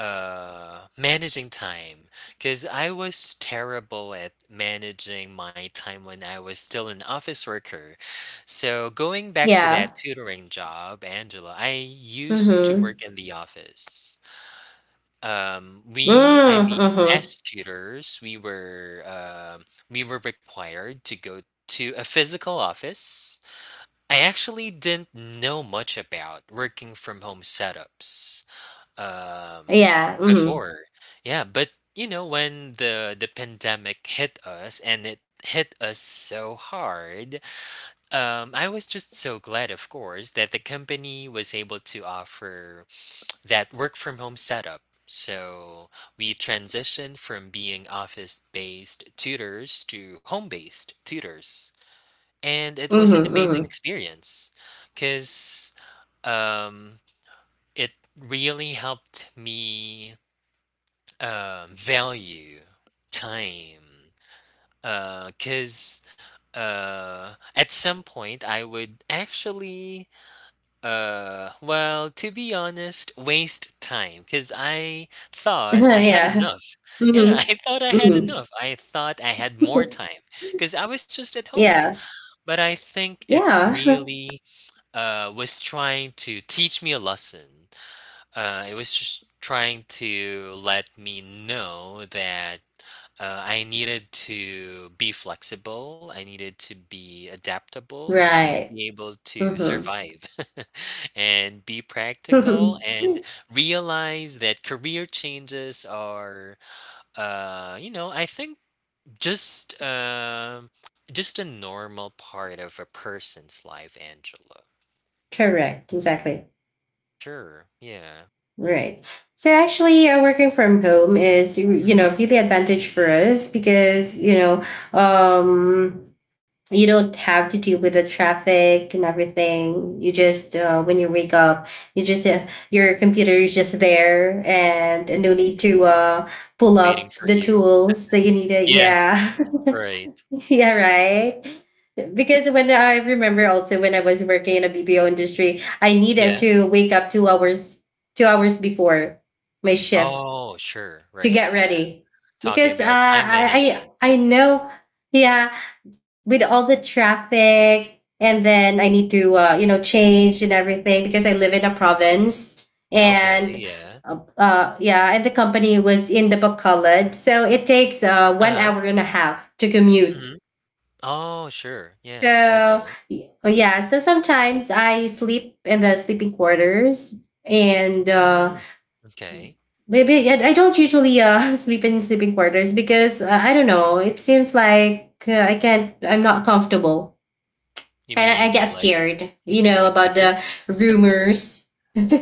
[SPEAKER 2] managing time. Because I was terrible at managing my time when I was still an office worker. So, going back to
[SPEAKER 1] Yeah.
[SPEAKER 2] that tutoring job, Angela, I used to
[SPEAKER 1] Mm-hmm.
[SPEAKER 2] work in the office. I
[SPEAKER 1] Mm-hmm.
[SPEAKER 2] mean,
[SPEAKER 1] Mm-hmm.
[SPEAKER 2] as tutors, we were required to go to a physical office. I actually didn't know much about working from home setups um,
[SPEAKER 1] Yeah. Mm-hmm.
[SPEAKER 2] before. Yeah, but you know, when the pandemic hit us and it hit us so hard, I was just so glad, of course, that the company was able to offer that work from home setup. So we transitioned from being office based tutors to home based tutors. And it was an amazing
[SPEAKER 1] Mm-hmm.
[SPEAKER 2] experience because um, it really helped me value time. Because uh, at some point, I would actually. Well, to be honest, waste time because I thought I
[SPEAKER 1] Mm-hmm. *laughs*
[SPEAKER 2] had enough.
[SPEAKER 1] Yeah.
[SPEAKER 2] Yeah, *laughs* I
[SPEAKER 1] Mhm.
[SPEAKER 2] thought I had enough.
[SPEAKER 1] Mhm.
[SPEAKER 2] I thought I had more time
[SPEAKER 1] Mhm.
[SPEAKER 2] because I was just at
[SPEAKER 1] *laughs*
[SPEAKER 2] home.
[SPEAKER 1] Yeah.
[SPEAKER 2] But I think it
[SPEAKER 1] Yeah. *laughs*
[SPEAKER 2] really was trying to teach me a lesson. It was just trying to let me know that I needed to be flexible. I needed to be adaptable to
[SPEAKER 1] Right.
[SPEAKER 2] be able to
[SPEAKER 1] Mhm.
[SPEAKER 2] survive *laughs* and be practical and
[SPEAKER 1] *laughs*
[SPEAKER 2] realize that career changes are, you know, I think just um just a normal part of a person's life, Angela.
[SPEAKER 1] Correct. Exactly.
[SPEAKER 2] Sure. Yeah.
[SPEAKER 1] Right. So actually, working from home is you
[SPEAKER 2] hmm
[SPEAKER 1] know really advantage for us, because you know, um, you don't have to deal with the traffic and everything. You just when you wake up, you just your computer is just there, and no need to pull
[SPEAKER 2] Waiting
[SPEAKER 1] up
[SPEAKER 2] for
[SPEAKER 1] the
[SPEAKER 2] you.
[SPEAKER 1] tools that you need. To,
[SPEAKER 2] Yes.
[SPEAKER 1] yeah. *laughs*
[SPEAKER 2] Right.
[SPEAKER 1] Yeah, right. Because when I remember also when I was working in a BPO industry, I needed
[SPEAKER 2] Yeah.
[SPEAKER 1] to wake up two hours before my shift
[SPEAKER 2] Oh, sure.
[SPEAKER 1] to
[SPEAKER 2] Right.
[SPEAKER 1] get
[SPEAKER 2] Yeah.
[SPEAKER 1] ready
[SPEAKER 2] Talking
[SPEAKER 1] because uh,
[SPEAKER 2] about time
[SPEAKER 1] I,
[SPEAKER 2] management.
[SPEAKER 1] I I know, yeah, with all the traffic. And then I need to change and everything because I live in a province,
[SPEAKER 2] Okay,
[SPEAKER 1] and
[SPEAKER 2] yeah.
[SPEAKER 1] yeah, and the company was in the Bacolod, so it takes one
[SPEAKER 2] Uh-huh,
[SPEAKER 1] hour and a half to commute.
[SPEAKER 2] mhm. Oh, sure, yeah,
[SPEAKER 1] So
[SPEAKER 2] okay.
[SPEAKER 1] yeah, so sometimes I sleep in the sleeping quarters. And
[SPEAKER 2] Mm, okay.
[SPEAKER 1] maybe, yeah, I don't usually *laughs* sleep in sleeping quarters because I don't know. It seems like I can't. I'm not comfortable,
[SPEAKER 2] You
[SPEAKER 1] and I
[SPEAKER 2] mean,
[SPEAKER 1] get
[SPEAKER 2] like,
[SPEAKER 1] scared, you
[SPEAKER 2] sleeping
[SPEAKER 1] know,
[SPEAKER 2] with
[SPEAKER 1] about the
[SPEAKER 2] others?
[SPEAKER 1] rumors. *laughs* you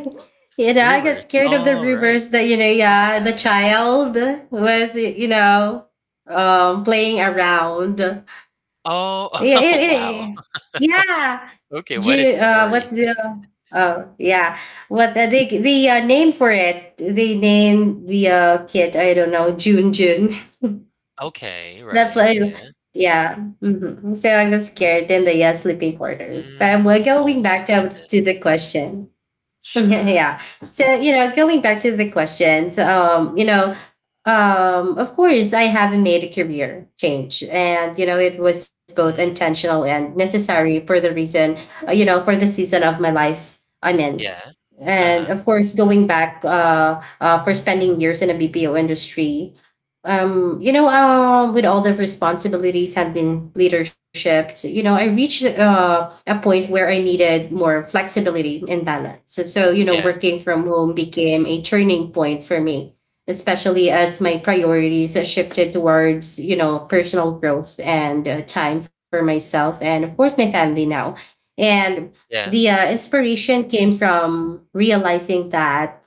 [SPEAKER 1] I get
[SPEAKER 2] Rumors,
[SPEAKER 1] scared of the
[SPEAKER 2] all right,
[SPEAKER 1] rumors that, Yeah, the
[SPEAKER 2] okay.
[SPEAKER 1] child was, you know, playing around.
[SPEAKER 2] Oh,
[SPEAKER 1] Yeah,
[SPEAKER 2] *laughs*
[SPEAKER 1] yeah,
[SPEAKER 2] oh,
[SPEAKER 1] yeah, yeah.
[SPEAKER 2] wow.
[SPEAKER 1] Yeah. Yeah.
[SPEAKER 2] Okay,
[SPEAKER 1] Ju
[SPEAKER 2] what a
[SPEAKER 1] What's
[SPEAKER 2] story.
[SPEAKER 1] the
[SPEAKER 2] *laughs*
[SPEAKER 1] oh, yeah. what the they the name for it? They named the kid, I don't know, June June. *laughs*
[SPEAKER 2] Okay,
[SPEAKER 1] That
[SPEAKER 2] right,
[SPEAKER 1] play
[SPEAKER 2] yeah.
[SPEAKER 1] Yeah. So I was
[SPEAKER 2] Was
[SPEAKER 1] scared in the sleeping quarters. But we're
[SPEAKER 2] oh
[SPEAKER 1] going
[SPEAKER 2] my
[SPEAKER 1] back
[SPEAKER 2] goodness.
[SPEAKER 1] to the question. *laughs*
[SPEAKER 2] Sure.
[SPEAKER 1] Yeah. So, you know, going back to the questions, you know, of course, I haven't made a career change. And, you know, it was both
[SPEAKER 2] Mhm.
[SPEAKER 1] intentional and necessary for the reason, you know, for the season of my life I'm in.
[SPEAKER 2] Yeah,
[SPEAKER 1] And
[SPEAKER 2] uh-huh,
[SPEAKER 1] of course, going back for spending years in a BPO industry, you know, with all the responsibilities, handling leadership, you know, I reached a point where I needed more flexibility and balance. So, you know,
[SPEAKER 2] yeah,
[SPEAKER 1] working from home became a turning point for me, especially as my priorities shifted towards, you know, personal growth and time for myself and, of course, my family now. And
[SPEAKER 2] yeah,
[SPEAKER 1] the inspiration came from realizing that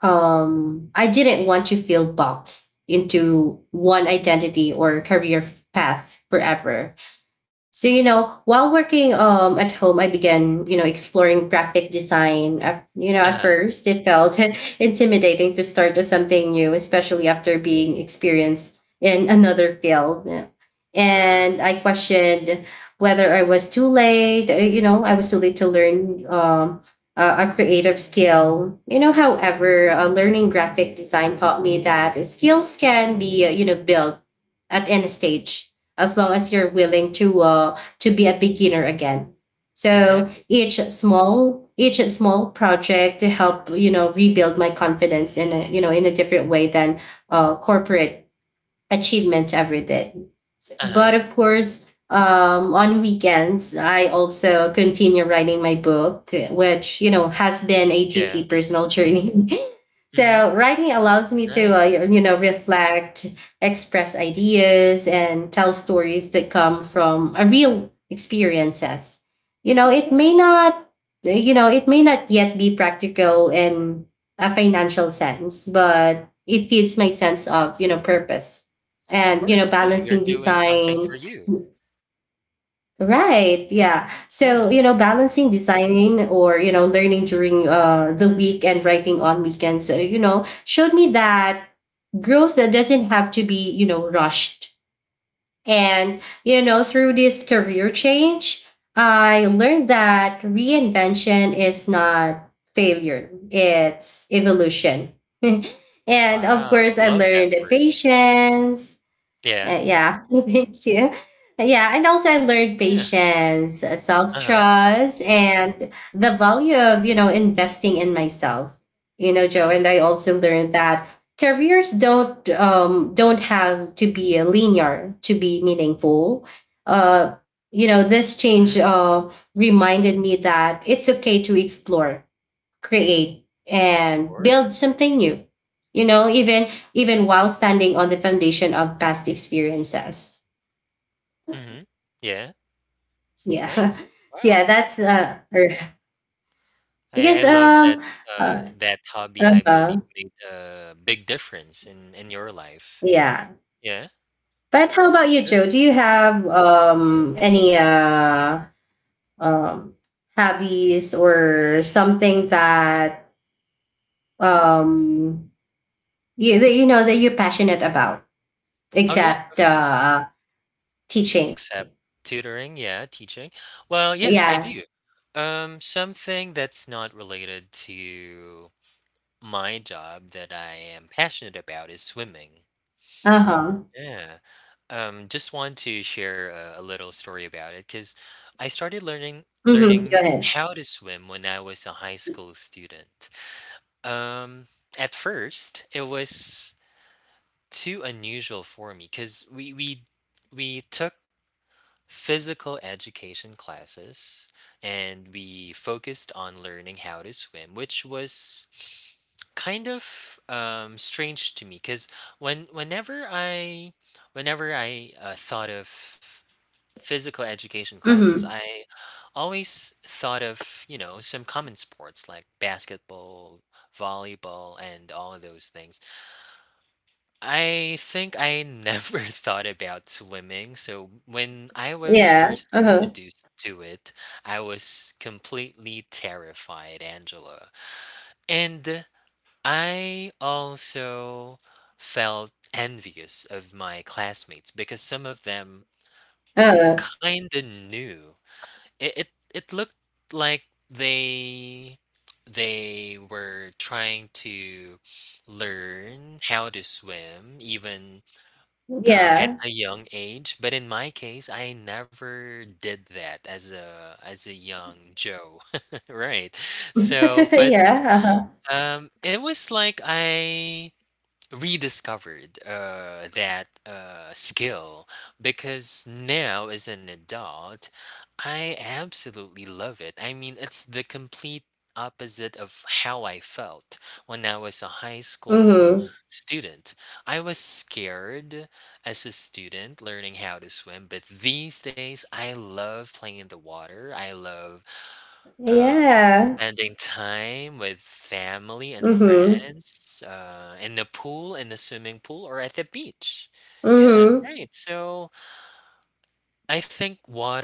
[SPEAKER 1] I didn't want to feel boxed into one identity or career path forever. So, you know, while working at home, I began, you know, exploring graphic design. At
[SPEAKER 2] uh-huh,
[SPEAKER 1] first it felt *laughs* intimidating to start with something new, especially after being experienced in another field. And
[SPEAKER 2] sure,
[SPEAKER 1] I questioned whether I was too late. You know, I was too late to learn a creative skill. You know, however, learning graphic design taught me that skills can be, you know, built at any stage as long as you're willing to be a beginner again. So
[SPEAKER 2] exactly.
[SPEAKER 1] each small project to help, you know, rebuild my confidence in a, you know, in a different way than corporate achievement every day.
[SPEAKER 2] Uh-huh,
[SPEAKER 1] But of course, on weekends, I also continue writing my book, which, you know, has been a
[SPEAKER 2] yeah,
[SPEAKER 1] deeply personal journey. *laughs*
[SPEAKER 2] mhm,
[SPEAKER 1] So writing allows me to
[SPEAKER 2] nice.
[SPEAKER 1] you know reflect, express ideas, and tell stories that come from a real experiences. You know, it may not you know, it may not yet be practical in a financial sense, but it feeds my sense of, you know, purpose
[SPEAKER 2] Of
[SPEAKER 1] and, you know,
[SPEAKER 2] course, yeah, you're
[SPEAKER 1] balancing
[SPEAKER 2] doing something
[SPEAKER 1] design.
[SPEAKER 2] for you.
[SPEAKER 1] Right, yeah, so, you
[SPEAKER 2] Yeah.
[SPEAKER 1] know, balancing design or, you know, learning during the week and writing on weekends, you know, showed me that growth that doesn't have to be, you know, rushed. And, you know, through this career change, I learned that reinvention is not failure, it's evolution. *laughs* And of
[SPEAKER 2] Wow,
[SPEAKER 1] course, I
[SPEAKER 2] love that
[SPEAKER 1] learned
[SPEAKER 2] word.
[SPEAKER 1] patience.
[SPEAKER 2] Yeah,
[SPEAKER 1] Yeah, *laughs* thank you. Yeah, and also I learned
[SPEAKER 2] yeah,
[SPEAKER 1] patience, self
[SPEAKER 2] uh-huh,
[SPEAKER 1] trust, and the value of, you know, investing in myself. You know, Joe, and I
[SPEAKER 2] nice.
[SPEAKER 1] also learned that careers don't have to be linear to be meaningful. You know, this change
[SPEAKER 2] Mhm,
[SPEAKER 1] reminded me that it's okay to explore, create
[SPEAKER 2] of
[SPEAKER 1] and build
[SPEAKER 2] course.
[SPEAKER 1] something new, you know, even while standing on the foundation of past experiences.
[SPEAKER 2] Mhm, yeah,
[SPEAKER 1] So, yeah,
[SPEAKER 2] nice.
[SPEAKER 1] *laughs* so
[SPEAKER 2] Wow,
[SPEAKER 1] yeah, that's
[SPEAKER 2] I
[SPEAKER 1] because
[SPEAKER 2] love that,
[SPEAKER 1] uh,
[SPEAKER 2] that hobby,
[SPEAKER 1] um,
[SPEAKER 2] I
[SPEAKER 1] uh
[SPEAKER 2] believe, made a big difference in your life.
[SPEAKER 1] yeah.
[SPEAKER 2] Yeah,
[SPEAKER 1] But how about you,
[SPEAKER 2] sure.
[SPEAKER 1] Joe? Do you have any um hobbies or something that um you, that you know that you're passionate about,
[SPEAKER 2] Oh, yeah,
[SPEAKER 1] except
[SPEAKER 2] of course,
[SPEAKER 1] teaching?
[SPEAKER 2] except tutoring, yeah, teaching. Well, yeah,
[SPEAKER 1] Yeah.
[SPEAKER 2] I do. Something that's not related to my job that I am passionate about is swimming.
[SPEAKER 1] Uh-huh.
[SPEAKER 2] Yeah. Just want to share a little story about it because I started
[SPEAKER 1] Mhm, go
[SPEAKER 2] learning
[SPEAKER 1] ahead.
[SPEAKER 2] how to swim when I was a high school student. Um, at first, it was too unusual for me because we took physical education classes and we focused on learning how to swim, which was kind of strange to me because when whenever I whenever I thought of physical education classes,
[SPEAKER 1] Mhm.
[SPEAKER 2] I always thought of you know some common sports like basketball, volleyball, and all of those things. I think I never *laughs* thought about swimming, so when I was
[SPEAKER 1] Yeah,
[SPEAKER 2] first
[SPEAKER 1] uh-huh,
[SPEAKER 2] introduced to it, I was completely terrified, Angela. And I also felt envious of my classmates because some of them
[SPEAKER 1] uh,
[SPEAKER 2] kinda knew. It it, it looked like they were trying to learn how to swim even at
[SPEAKER 1] yeah,
[SPEAKER 2] a young age. But in my case, I never did that as a young Joe, *laughs* right? So,
[SPEAKER 1] *laughs*
[SPEAKER 2] but
[SPEAKER 1] yeah, uh-huh,
[SPEAKER 2] it was like I rediscovered that skill because now as an adult I absolutely love it. I mean, it's the complete opposite of how I felt when I was a high school
[SPEAKER 1] mhm,
[SPEAKER 2] student. I was scared as a student learning how to swim, but these days I love playing in the water. I love
[SPEAKER 1] yeah,
[SPEAKER 2] spending time with family and
[SPEAKER 1] mhm,
[SPEAKER 2] friends, in the pool, in the swimming pool, or at the beach. Yeah,
[SPEAKER 1] mhm.
[SPEAKER 2] right. So I think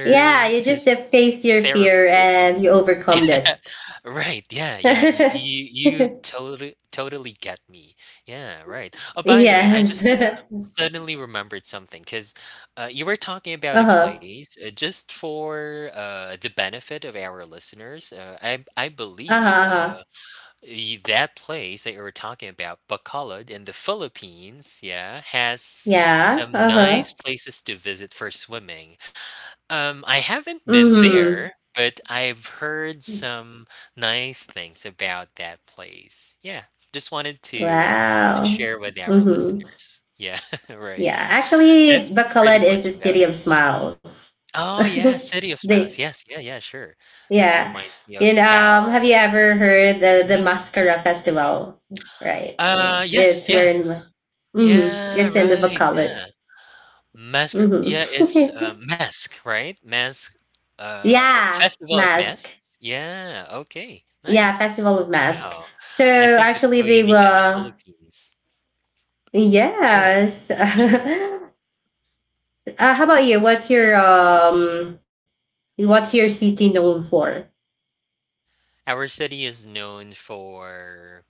[SPEAKER 1] Yeah, you
[SPEAKER 2] is
[SPEAKER 1] just faced your
[SPEAKER 2] therapy.
[SPEAKER 1] fear and you overcome that.
[SPEAKER 2] Right. Yeah. Yeah. You
[SPEAKER 1] *laughs*
[SPEAKER 2] totally get me. Yeah. Right. Oh, by the way, I just
[SPEAKER 1] Yes. *laughs*
[SPEAKER 2] suddenly remembered something because you were talking about a
[SPEAKER 1] Uh-huh,
[SPEAKER 2] place just for the benefit of our listeners. I
[SPEAKER 1] uh-huh,
[SPEAKER 2] believe.
[SPEAKER 1] uh-huh.
[SPEAKER 2] That place that you were talking about, Bacolod in the Philippines, yeah, has
[SPEAKER 1] Yeah,
[SPEAKER 2] some
[SPEAKER 1] uh-huh,
[SPEAKER 2] nice places to visit for swimming. I haven't been there,
[SPEAKER 1] mhm.
[SPEAKER 2] but I've heard some nice things about that place. Yeah, just wanted to
[SPEAKER 1] Wow.
[SPEAKER 2] share with our
[SPEAKER 1] Mhm.
[SPEAKER 2] listeners. Yeah, *laughs*
[SPEAKER 1] Yeah,
[SPEAKER 2] right.
[SPEAKER 1] actually,
[SPEAKER 2] That's pretty
[SPEAKER 1] Bacolod
[SPEAKER 2] much
[SPEAKER 1] is a
[SPEAKER 2] about it.
[SPEAKER 1] city of smiles.
[SPEAKER 2] Oh yeah,
[SPEAKER 1] *laughs*
[SPEAKER 2] City of Smiles.
[SPEAKER 1] They
[SPEAKER 2] Yes, yeah, yeah, sure. That
[SPEAKER 1] Yeah.
[SPEAKER 2] reminds me
[SPEAKER 1] And
[SPEAKER 2] of how.
[SPEAKER 1] have you ever heard the
[SPEAKER 2] Mhm.
[SPEAKER 1] Mascara Festival? Right.
[SPEAKER 2] Yes,
[SPEAKER 1] It's where
[SPEAKER 2] yeah.
[SPEAKER 1] in Mm-hmm.
[SPEAKER 2] Yeah,
[SPEAKER 1] It's in the
[SPEAKER 2] right,
[SPEAKER 1] Bacolod.
[SPEAKER 2] yeah. mask Yeah, it's,
[SPEAKER 1] Mm-hmm.
[SPEAKER 2] Mask, right? Mask,
[SPEAKER 1] *laughs* Yeah,
[SPEAKER 2] Festival of Masks?
[SPEAKER 1] mask.
[SPEAKER 2] Yeah, okay,
[SPEAKER 1] Yeah,
[SPEAKER 2] nice.
[SPEAKER 1] Festival of Mask.
[SPEAKER 2] Wow,
[SPEAKER 1] So
[SPEAKER 2] I think it's
[SPEAKER 1] actually
[SPEAKER 2] so
[SPEAKER 1] they
[SPEAKER 2] unique in the
[SPEAKER 1] were,
[SPEAKER 2] Philippines. Yeah,
[SPEAKER 1] yes. *laughs*
[SPEAKER 2] sure.
[SPEAKER 1] How about you? What's your city known for?
[SPEAKER 2] Our city is known for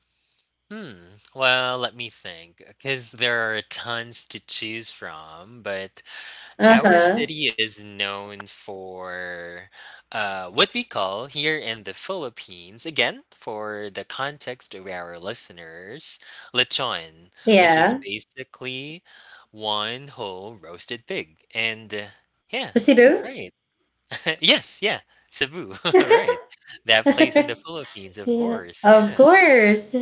[SPEAKER 2] well, let me think because there are tons to choose from, but our
[SPEAKER 1] Uh-huh.
[SPEAKER 2] city is known for what we call here in the Philippines, again, for the context of our listeners, lechon, which is
[SPEAKER 1] Yeah.
[SPEAKER 2] basically one whole roasted pig. And yeah,
[SPEAKER 1] Cebu?
[SPEAKER 2] right. *laughs* Yes, yeah, Cebu, *laughs* right. That place in the
[SPEAKER 1] *laughs*
[SPEAKER 2] Philippines, of
[SPEAKER 1] Yeah.
[SPEAKER 2] course.
[SPEAKER 1] Of
[SPEAKER 2] Yeah,
[SPEAKER 1] course.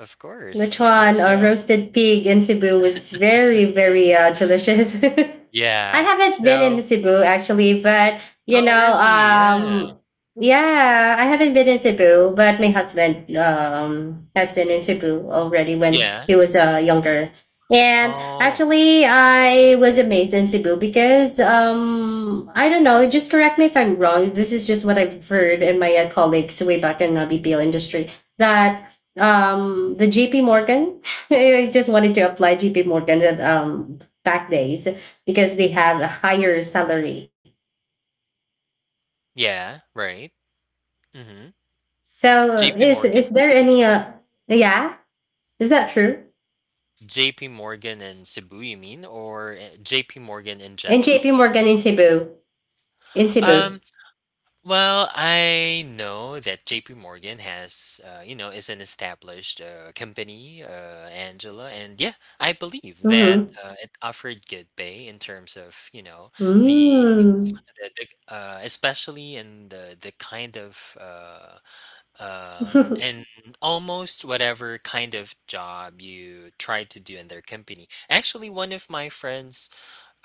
[SPEAKER 2] of course. Yeah,
[SPEAKER 1] Lechon,
[SPEAKER 2] so,
[SPEAKER 1] roasted pig in Cebu was very, very delicious. *laughs* I
[SPEAKER 2] yeah.
[SPEAKER 1] haven't been in
[SPEAKER 2] So,
[SPEAKER 1] Cebu actually, but you
[SPEAKER 2] oh,
[SPEAKER 1] know,
[SPEAKER 2] really? Yeah,
[SPEAKER 1] yeah, I haven't been in Cebu, but my husband has been in Cebu already when
[SPEAKER 2] yeah.
[SPEAKER 1] he was younger. And
[SPEAKER 2] Oh,
[SPEAKER 1] actually, I was amazed in Cebu because I don't know, just correct me if I'm wrong. This is just what I've heard in my colleagues way back in the BPO industry that the JP Morgan. *laughs* I just wanted to apply JP Morgan at back days because they have a higher salary.
[SPEAKER 2] yeah, right. Mhm.
[SPEAKER 1] So
[SPEAKER 2] JP
[SPEAKER 1] is
[SPEAKER 2] Morgan?
[SPEAKER 1] there any yeah, is that true?
[SPEAKER 2] JP Morgan in Cebu, you mean, or JP Morgan in
[SPEAKER 1] And JP
[SPEAKER 2] general?
[SPEAKER 1] Morgan in Cebu. In Cebu.
[SPEAKER 2] Um, well, I know that JP Morgan has, you know, is an established company, Angela, and yeah, I believe that
[SPEAKER 1] Mm-hmm.
[SPEAKER 2] it offered good pay in terms of, you know, the,
[SPEAKER 1] Mm.
[SPEAKER 2] the, the especially in the kind of and
[SPEAKER 1] *laughs*
[SPEAKER 2] almost whatever kind of job you try to do in their company. Actually, one of my friends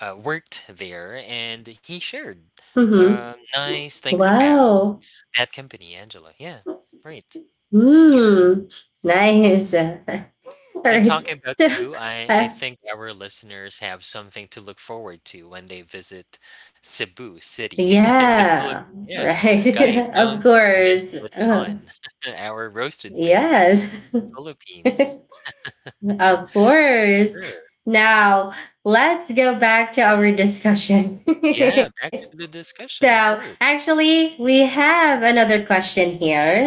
[SPEAKER 2] worked there, and he shared
[SPEAKER 1] Mm-hmm.
[SPEAKER 2] nice things about
[SPEAKER 1] Wow.
[SPEAKER 2] that company, Angela. Yeah, right, sure.
[SPEAKER 1] Mm. Nice. *laughs* All
[SPEAKER 2] And
[SPEAKER 1] right.
[SPEAKER 2] talking about
[SPEAKER 1] So
[SPEAKER 2] Cebu, I
[SPEAKER 1] uh,
[SPEAKER 2] think our listeners have something to look forward to when they visit Cebu City *laughs* in the Philippines.
[SPEAKER 1] yeah.
[SPEAKER 2] Yeah,
[SPEAKER 1] Right.
[SPEAKER 2] guys,
[SPEAKER 1] *laughs* Of
[SPEAKER 2] don't miss
[SPEAKER 1] course. Uh-huh.
[SPEAKER 2] lechon, *laughs* our roasted pig,
[SPEAKER 1] Yes, *laughs*
[SPEAKER 2] the Philippines.
[SPEAKER 1] of course.
[SPEAKER 2] Sure.
[SPEAKER 1] Now, let's go back to our discussion.
[SPEAKER 2] Yeah, back to the
[SPEAKER 1] *laughs*
[SPEAKER 2] discussion,
[SPEAKER 1] So,
[SPEAKER 2] of course.
[SPEAKER 1] actually, we have another question here.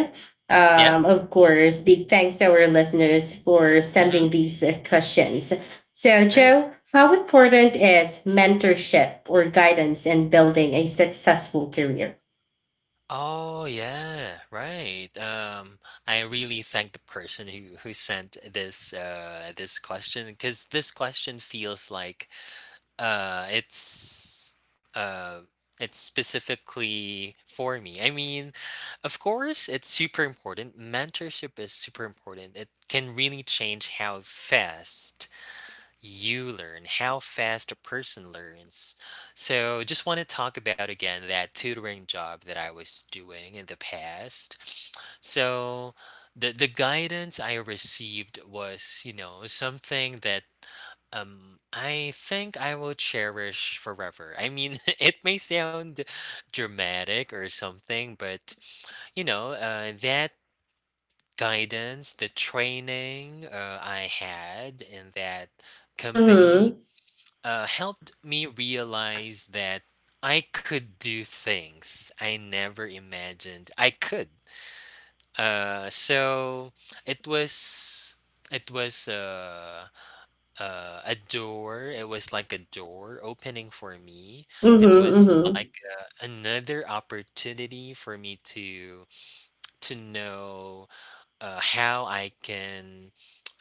[SPEAKER 2] Yeah.
[SPEAKER 1] Of course, big thanks to our listeners for
[SPEAKER 2] Mhm.
[SPEAKER 1] sending these questions. So,
[SPEAKER 2] Right.
[SPEAKER 1] Joe, how important is mentorship or guidance in building a successful career?
[SPEAKER 2] Oh yeah, right. I really thank the person who sent this question because this question feels like uh it's uh it's specifically for me. I mean, of course, it's super important. Mentorship is super important. It can really change how fast you learn, how fast a person learns. So, just want to talk about again that tutoring job that I was doing in the past. So, the guidance I received was, you know, something that I think I will cherish forever. I mean, *laughs* it may sound dramatic or something, but that guidance, the training I had in that company
[SPEAKER 1] Mm-hmm.
[SPEAKER 2] helped me realize that I could do things I never imagined I could. So it was it was a door. It was like a door opening for me.
[SPEAKER 1] Mm-hmm.
[SPEAKER 2] It was like
[SPEAKER 1] Mm-hmm.
[SPEAKER 2] another opportunity for me to know how I can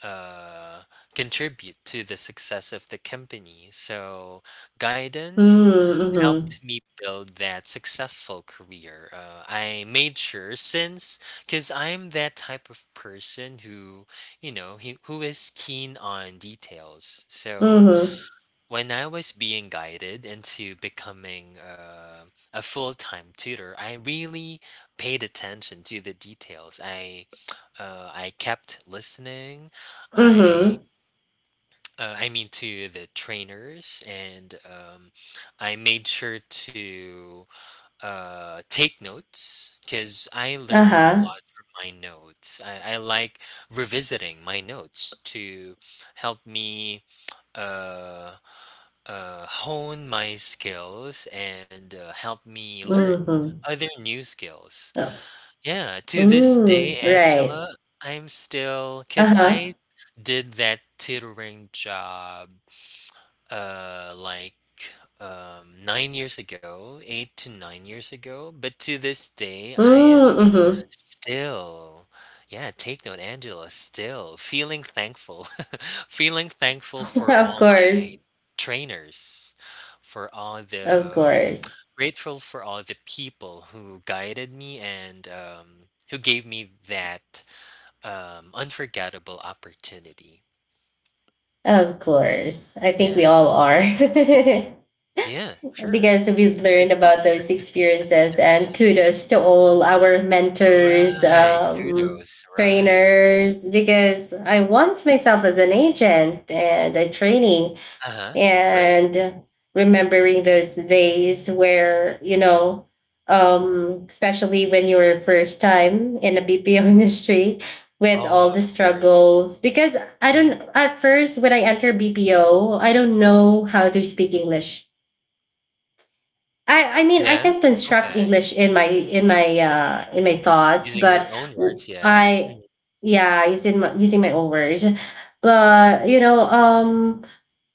[SPEAKER 2] uh, contribute to the success of the company. So, guidance
[SPEAKER 1] Mm-hmm.
[SPEAKER 2] helped me build that successful career. I made sure since, because I'm that type of person who, you know, he, who is keen on details. So,
[SPEAKER 1] Mm-hmm.
[SPEAKER 2] when I was being guided into becoming a full time tutor, I really paid attention to the details. *tsk* I kept listening. I,
[SPEAKER 1] Mm-hmm.
[SPEAKER 2] I mean, to the trainers, and I made sure to take notes because I learn a
[SPEAKER 1] Uh-huh.
[SPEAKER 2] lot from my notes. I like revisiting my notes to help me. Uh, Hone my skills and help me learn
[SPEAKER 1] Mhm.
[SPEAKER 2] other new skills.
[SPEAKER 1] Oh.
[SPEAKER 2] Yeah, to this day,
[SPEAKER 1] Mm, right.
[SPEAKER 2] Angela, I'm still because
[SPEAKER 1] Uh-huh.
[SPEAKER 2] I did that tutoring job like 9 years ago, 8 to 9 years ago. But to this day, I am
[SPEAKER 1] Mm, mhm.
[SPEAKER 2] still. Yeah, take note, Angela, still feeling thankful. *laughs* Feeling thankful
[SPEAKER 1] *laughs*
[SPEAKER 2] for
[SPEAKER 1] Of
[SPEAKER 2] all my
[SPEAKER 1] course.
[SPEAKER 2] trainers, for all
[SPEAKER 1] Of
[SPEAKER 2] the
[SPEAKER 1] course.
[SPEAKER 2] grateful for all the people who guided me and who gave me that unforgettable opportunity.
[SPEAKER 1] Of course. I think we
[SPEAKER 2] Yeah.
[SPEAKER 1] all are. *laughs*
[SPEAKER 2] Yeah, sure.
[SPEAKER 1] Because
[SPEAKER 2] We
[SPEAKER 1] we've
[SPEAKER 2] should
[SPEAKER 1] learned
[SPEAKER 2] be.
[SPEAKER 1] about those experiences, and kudos to all our mentors,
[SPEAKER 2] Right. Kudos. Right.
[SPEAKER 1] trainers, because I once myself as an agent and a trainee,
[SPEAKER 2] Uh-huh. Right.
[SPEAKER 1] and remembering those days where, you know, especially when you were first time in the BPO *laughs* industry with all
[SPEAKER 2] Oh,
[SPEAKER 1] the
[SPEAKER 2] of course.
[SPEAKER 1] struggles. Because I
[SPEAKER 2] Mhm.
[SPEAKER 1] don't, at first when I enter BPO, I don't know how to speak English. I mean, I
[SPEAKER 2] Yeah.
[SPEAKER 1] can construct
[SPEAKER 2] Okay.
[SPEAKER 1] English in my in my in my thoughts
[SPEAKER 2] Using
[SPEAKER 1] but
[SPEAKER 2] your own
[SPEAKER 1] w-
[SPEAKER 2] words, yeah.
[SPEAKER 1] I
[SPEAKER 2] Mm,
[SPEAKER 1] yeah, using my own words, but you know,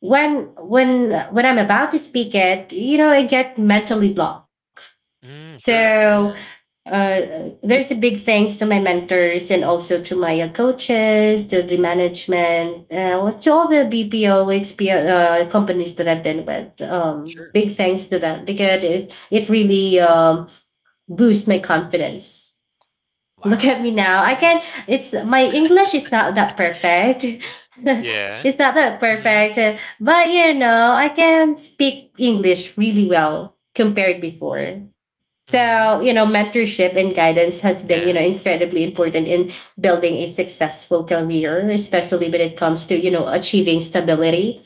[SPEAKER 1] when I'm about to speak it, you know, I get mentally blocked.
[SPEAKER 2] mm, sure,
[SPEAKER 1] So
[SPEAKER 2] yeah,
[SPEAKER 1] there's a big thanks to my mentors and also to my coaches, to the management, to all the BPO companies that I've been with.
[SPEAKER 2] sure.
[SPEAKER 1] Big thanks to them, because it really, boosts my confidence. Look at
[SPEAKER 2] Wow,
[SPEAKER 1] me
[SPEAKER 2] that's
[SPEAKER 1] now. I can
[SPEAKER 2] nice.
[SPEAKER 1] It's my English is not that perfect. *laughs*
[SPEAKER 2] Yeah.
[SPEAKER 1] It's not that
[SPEAKER 2] Mhm,
[SPEAKER 1] perfect, but you know, I can speak English really well compared before. So,
[SPEAKER 2] mhm,
[SPEAKER 1] you know, mentorship and guidance has been, you know,
[SPEAKER 2] yeah,
[SPEAKER 1] incredibly important in building a successful career, especially when it comes to, you know, achieving stability.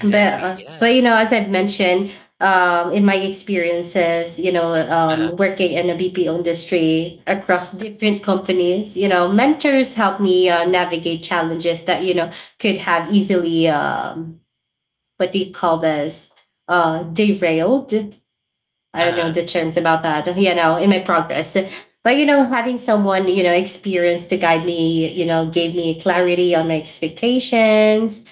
[SPEAKER 1] But you
[SPEAKER 2] yeah.
[SPEAKER 1] know, as I've mentioned, in my experiences, you know,
[SPEAKER 2] Uh-huh,
[SPEAKER 1] working in a BPO industry across different companies, you know, mentors helped me navigate challenges that, you know, could have easily, what do you call this, derailed. I don't
[SPEAKER 2] uh-huh,
[SPEAKER 1] know the terms about that, you know, in my progress. But you know, having someone, you know, experienced to guide me, you know, gave me clarity on my expectations,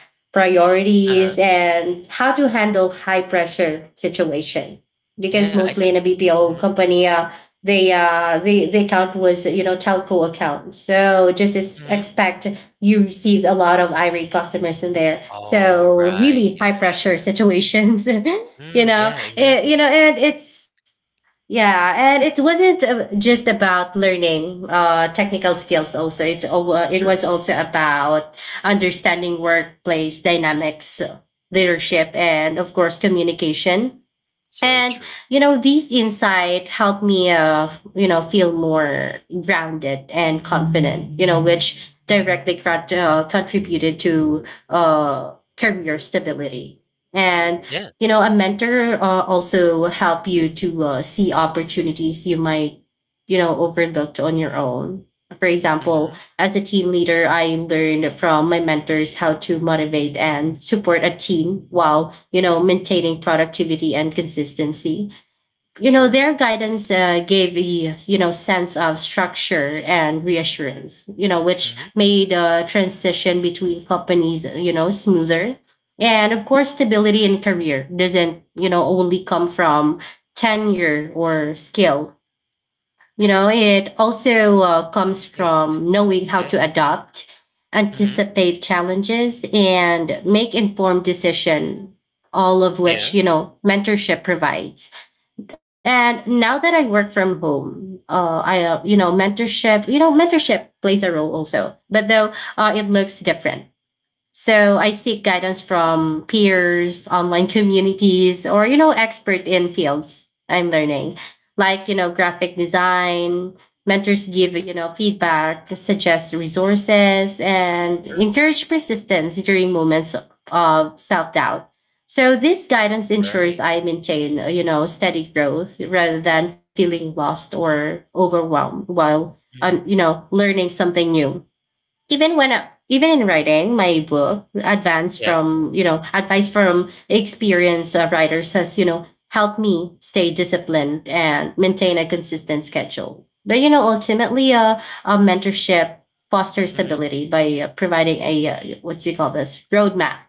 [SPEAKER 2] uh-huh,
[SPEAKER 1] priorities, and how to handle high pressure situation. Because
[SPEAKER 2] yeah, I
[SPEAKER 1] mostly in
[SPEAKER 2] think
[SPEAKER 1] a BPO
[SPEAKER 2] mhm,
[SPEAKER 1] company, the account was, you know, telco account. So just as
[SPEAKER 2] mhm.
[SPEAKER 1] expect, you received a lot of irate customers in there.
[SPEAKER 2] Oh,
[SPEAKER 1] So
[SPEAKER 2] right,
[SPEAKER 1] really
[SPEAKER 2] yeah,
[SPEAKER 1] high pressure
[SPEAKER 2] sure.
[SPEAKER 1] situations, *laughs* you
[SPEAKER 2] Mm,
[SPEAKER 1] know,
[SPEAKER 2] yeah,
[SPEAKER 1] it, you
[SPEAKER 2] exactly.
[SPEAKER 1] know, and it's yeah, and it wasn't just about learning technical skills. Also, it was
[SPEAKER 2] Sure,
[SPEAKER 1] also about understanding workplace dynamics, leadership, and of course communication.
[SPEAKER 2] so
[SPEAKER 1] And
[SPEAKER 2] true.
[SPEAKER 1] you know, these insight helped me, you know, feel more grounded and confident. You know, which directly contributed to career stability. And
[SPEAKER 2] Yeah,
[SPEAKER 1] you know, a mentor also help you to see opportunities you might, you know, overlooked on your own. For
[SPEAKER 2] mhm,
[SPEAKER 1] example, as a team leader, I learned from my mentors how to motivate and support a team while, you know, maintaining productivity and consistency. You know,
[SPEAKER 2] sure,
[SPEAKER 1] their guidance gave a, you know, sense of structure and reassurance, you know, which
[SPEAKER 2] mhm,
[SPEAKER 1] made the transition between companies, you know, smoother. And of course, stability in career doesn't, you know, only come from tenure or skill. You know, it also comes
[SPEAKER 2] great,
[SPEAKER 1] from knowing how
[SPEAKER 2] yeah,
[SPEAKER 1] to adopt,
[SPEAKER 2] mhm,
[SPEAKER 1] anticipate challenges, and make informed decision. All of which
[SPEAKER 2] yeah,
[SPEAKER 1] mentorship provides. And now that I work from home, I mentorship plays a role also, but though it looks different. So I seek guidance from peers, online communities, or
[SPEAKER 2] uh,
[SPEAKER 1] expert in fields I'm learning, like graphic design. Mentors give feedback, suggest resources, and
[SPEAKER 2] sure,
[SPEAKER 1] encourage persistence during moments of self doubt. So this guidance ensures
[SPEAKER 2] right,
[SPEAKER 1] I maintain steady growth rather than feeling lost or overwhelmed while
[SPEAKER 2] mhm,
[SPEAKER 1] learning something new, even in writing my book, advance
[SPEAKER 2] yeah,
[SPEAKER 1] from advice from experienced writers has helped me stay disciplined and maintain a consistent schedule, but ultimately mentorship fosters
[SPEAKER 2] mhm,
[SPEAKER 1] stability by providing a what do you call this, roadmap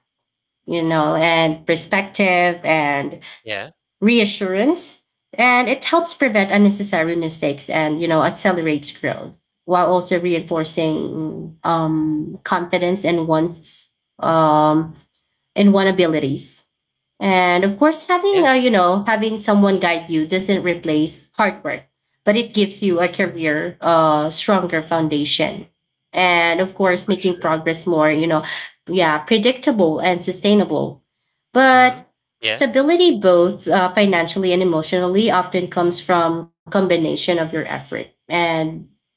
[SPEAKER 1] and perspective and
[SPEAKER 2] yeah,
[SPEAKER 1] reassurance. And it helps prevent unnecessary mistakes and accelerates growth while also reinforcing confidence um, in one abilities. And of course, having
[SPEAKER 2] yeah,
[SPEAKER 1] having someone guide you doesn't replace hard work, but it gives you a stronger foundation, and of course,
[SPEAKER 2] for
[SPEAKER 1] making
[SPEAKER 2] sure,
[SPEAKER 1] progress more yeah, predictable and sustainable.
[SPEAKER 2] mhm,
[SPEAKER 1] But
[SPEAKER 2] yeah,
[SPEAKER 1] stability, both financially and emotionally, often comes from combination of your effort and,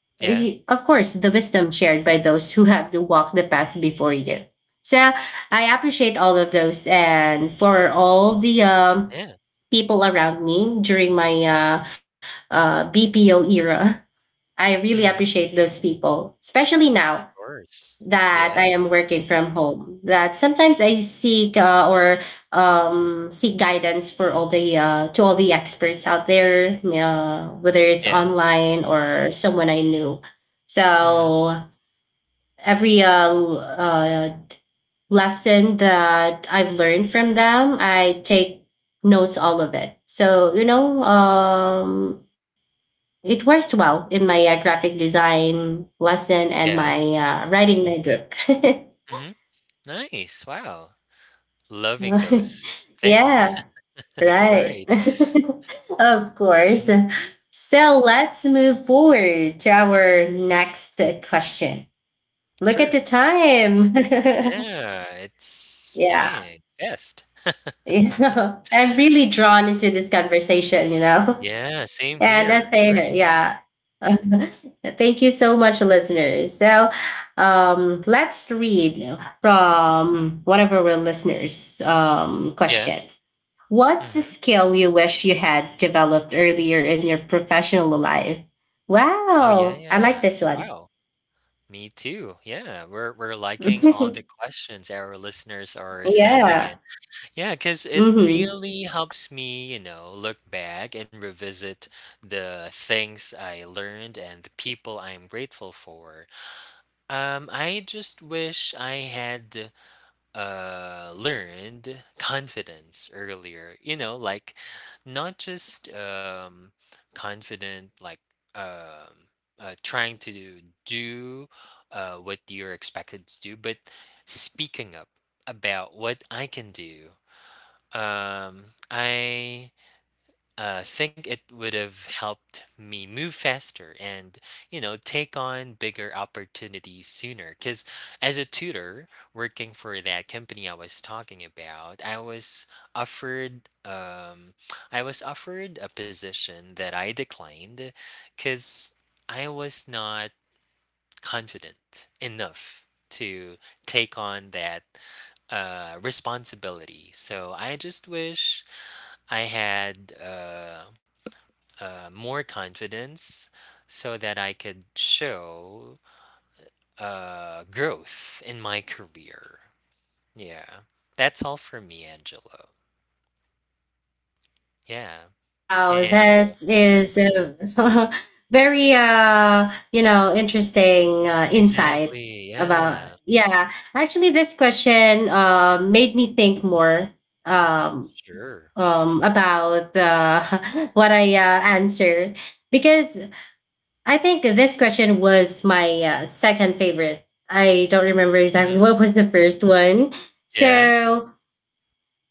[SPEAKER 2] yeah.
[SPEAKER 1] of course, the wisdom shared by those who have walked the path before you. So I appreciate all of those, and for all the
[SPEAKER 2] Yeah,
[SPEAKER 1] people around me during my BPO era. I really
[SPEAKER 2] mhm,
[SPEAKER 1] appreciate those people, especially
[SPEAKER 2] of
[SPEAKER 1] now
[SPEAKER 2] course.
[SPEAKER 1] that I
[SPEAKER 2] Yeah,
[SPEAKER 1] am working from home. That sometimes I seek guidance, for all the to all the experts out there, whether it's
[SPEAKER 2] yeah,
[SPEAKER 1] online or someone I knew.
[SPEAKER 2] mhm,
[SPEAKER 1] So every lesson that I've learned from them, I take notes all of it. So, it worked well in my graphic design lesson and
[SPEAKER 2] yeah,
[SPEAKER 1] my writing my book.
[SPEAKER 2] mhm, nice, wow, loving those
[SPEAKER 1] *laughs*
[SPEAKER 2] things.
[SPEAKER 1] Yeah,
[SPEAKER 2] *laughs*
[SPEAKER 1] right.
[SPEAKER 2] Right,
[SPEAKER 1] *laughs* Of course.
[SPEAKER 2] mhm,
[SPEAKER 1] So let's move forward to our next question. Look at
[SPEAKER 2] sure.
[SPEAKER 1] the time.
[SPEAKER 2] Yeah, it's
[SPEAKER 1] *laughs* Yeah.
[SPEAKER 2] flying fast. *laughs*
[SPEAKER 1] I'm really drawn into this conversation.
[SPEAKER 2] Yeah, same
[SPEAKER 1] Yeah, and
[SPEAKER 2] here,
[SPEAKER 1] that's
[SPEAKER 2] right,
[SPEAKER 1] it. Yeah. *laughs* Thank you so much, listeners. So let's read from one of our listeners'
[SPEAKER 2] yeah,
[SPEAKER 1] question. What's a
[SPEAKER 2] mhm.
[SPEAKER 1] skill you wish you had developed earlier in your professional life?
[SPEAKER 2] Oh, yeah,
[SPEAKER 1] Wow. I like
[SPEAKER 2] yeah,
[SPEAKER 1] this one.
[SPEAKER 2] wow, me too, yeah, we're liking all the questions our listeners are
[SPEAKER 1] *laughs*
[SPEAKER 2] sending
[SPEAKER 1] Yeah.
[SPEAKER 2] in. Yeah, because it
[SPEAKER 1] Mm-hmm.
[SPEAKER 2] really helps me, look back and revisit the things I learned and the people I'm grateful for. I just wish I had learned confidence earlier, like not just confident, like um, trying to do what you're expected to do, but speaking up about what I can do I think it would have helped me move faster and take on bigger opportunities sooner. Because as a tutor working for that company I was talking about, I was offered *tsk* I was offered a position that I declined because I was not confident enough to take on that responsibility. So I just wish I had more confidence so that I could show growth in my career. Yeah. That's all for me, Angelo. Yeah.
[SPEAKER 1] Wow,
[SPEAKER 2] And
[SPEAKER 1] that is a *laughs* very interesting insight
[SPEAKER 2] exactly.
[SPEAKER 1] about
[SPEAKER 2] Yeah.
[SPEAKER 1] yeah. Actually, this question made me think more um,
[SPEAKER 2] Sure.
[SPEAKER 1] about *laughs* what I answer, because I think this question was my second favorite. I don't remember exactly
[SPEAKER 2] Hmm.
[SPEAKER 1] what was the first one.
[SPEAKER 2] Yeah.
[SPEAKER 1] So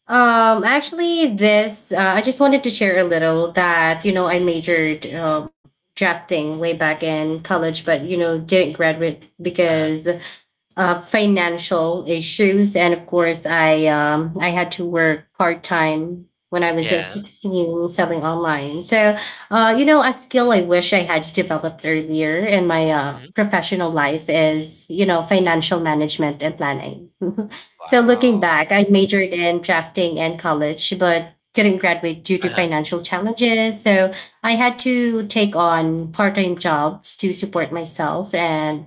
[SPEAKER 1] actually, this I just wanted to share a little that I majored drafting way back in college, but didn't graduate
[SPEAKER 2] Uh huh.
[SPEAKER 1] because financial issues, and of course, I I had to work part time when I was at
[SPEAKER 2] Yeah.
[SPEAKER 1] 16 selling online. So, a skill I wish I had developed earlier in my
[SPEAKER 2] Hmm.
[SPEAKER 1] professional life is financial management and planning. *laughs* So, looking
[SPEAKER 2] Wow.
[SPEAKER 1] back, I majored in drafting in college, but couldn't graduate due
[SPEAKER 2] Uh
[SPEAKER 1] to
[SPEAKER 2] huh.
[SPEAKER 1] financial challenges. So I had to take on part time jobs to support myself and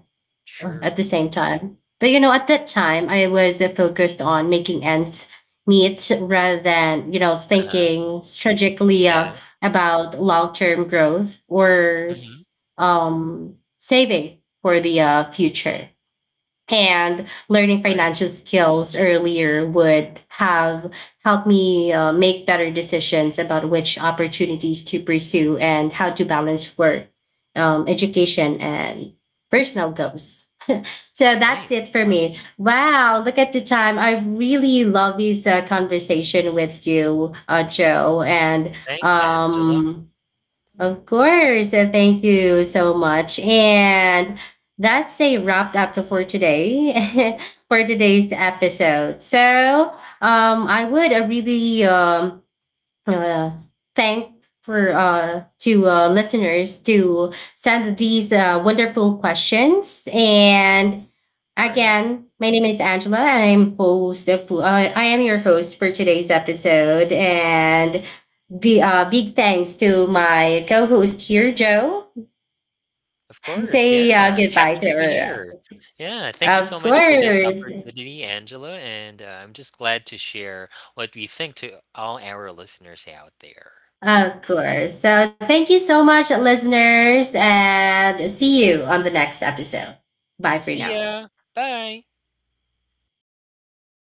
[SPEAKER 1] at
[SPEAKER 2] Sure.
[SPEAKER 1] the same time. But at that time, I was focused on making ends meet rather than
[SPEAKER 2] Uh huh.
[SPEAKER 1] thinking strategically
[SPEAKER 2] Yeah.
[SPEAKER 1] about long term growth or
[SPEAKER 2] Hmm.
[SPEAKER 1] saving for the future. And learning
[SPEAKER 2] Right.
[SPEAKER 1] financial skills earlier would have helped me make better decisions about which opportunities to pursue and how to balance work, education, and personal goals. So that's
[SPEAKER 2] Nice.
[SPEAKER 1] it for
[SPEAKER 2] Wow.
[SPEAKER 1] me. Wow, look at the time. I really love this conversation with you, Joe. And
[SPEAKER 2] Thanks, Angela.
[SPEAKER 1] um, of course, thank you so much. And that's a wrap up for today, *laughs* for today's episode. So I would really. Uh, thank for to listeners to send these wonderful questions. And
[SPEAKER 2] Right.
[SPEAKER 1] again, my name is Angela. I am your host for today's episode. And big thanks to my co-host here, Joe.
[SPEAKER 2] Of course,
[SPEAKER 1] Say
[SPEAKER 2] yeah. Happy
[SPEAKER 1] goodbye to
[SPEAKER 2] to be
[SPEAKER 1] her.
[SPEAKER 2] here. Yeah, thank you so
[SPEAKER 1] Of
[SPEAKER 2] much for this
[SPEAKER 1] course
[SPEAKER 2] opportunity, Angela. And I'm just glad to share what we think to all our listeners out there.
[SPEAKER 1] of course So thank you so much, listeners, and see you on the next episode. Bye for
[SPEAKER 2] See
[SPEAKER 1] now.
[SPEAKER 2] ya. Bye.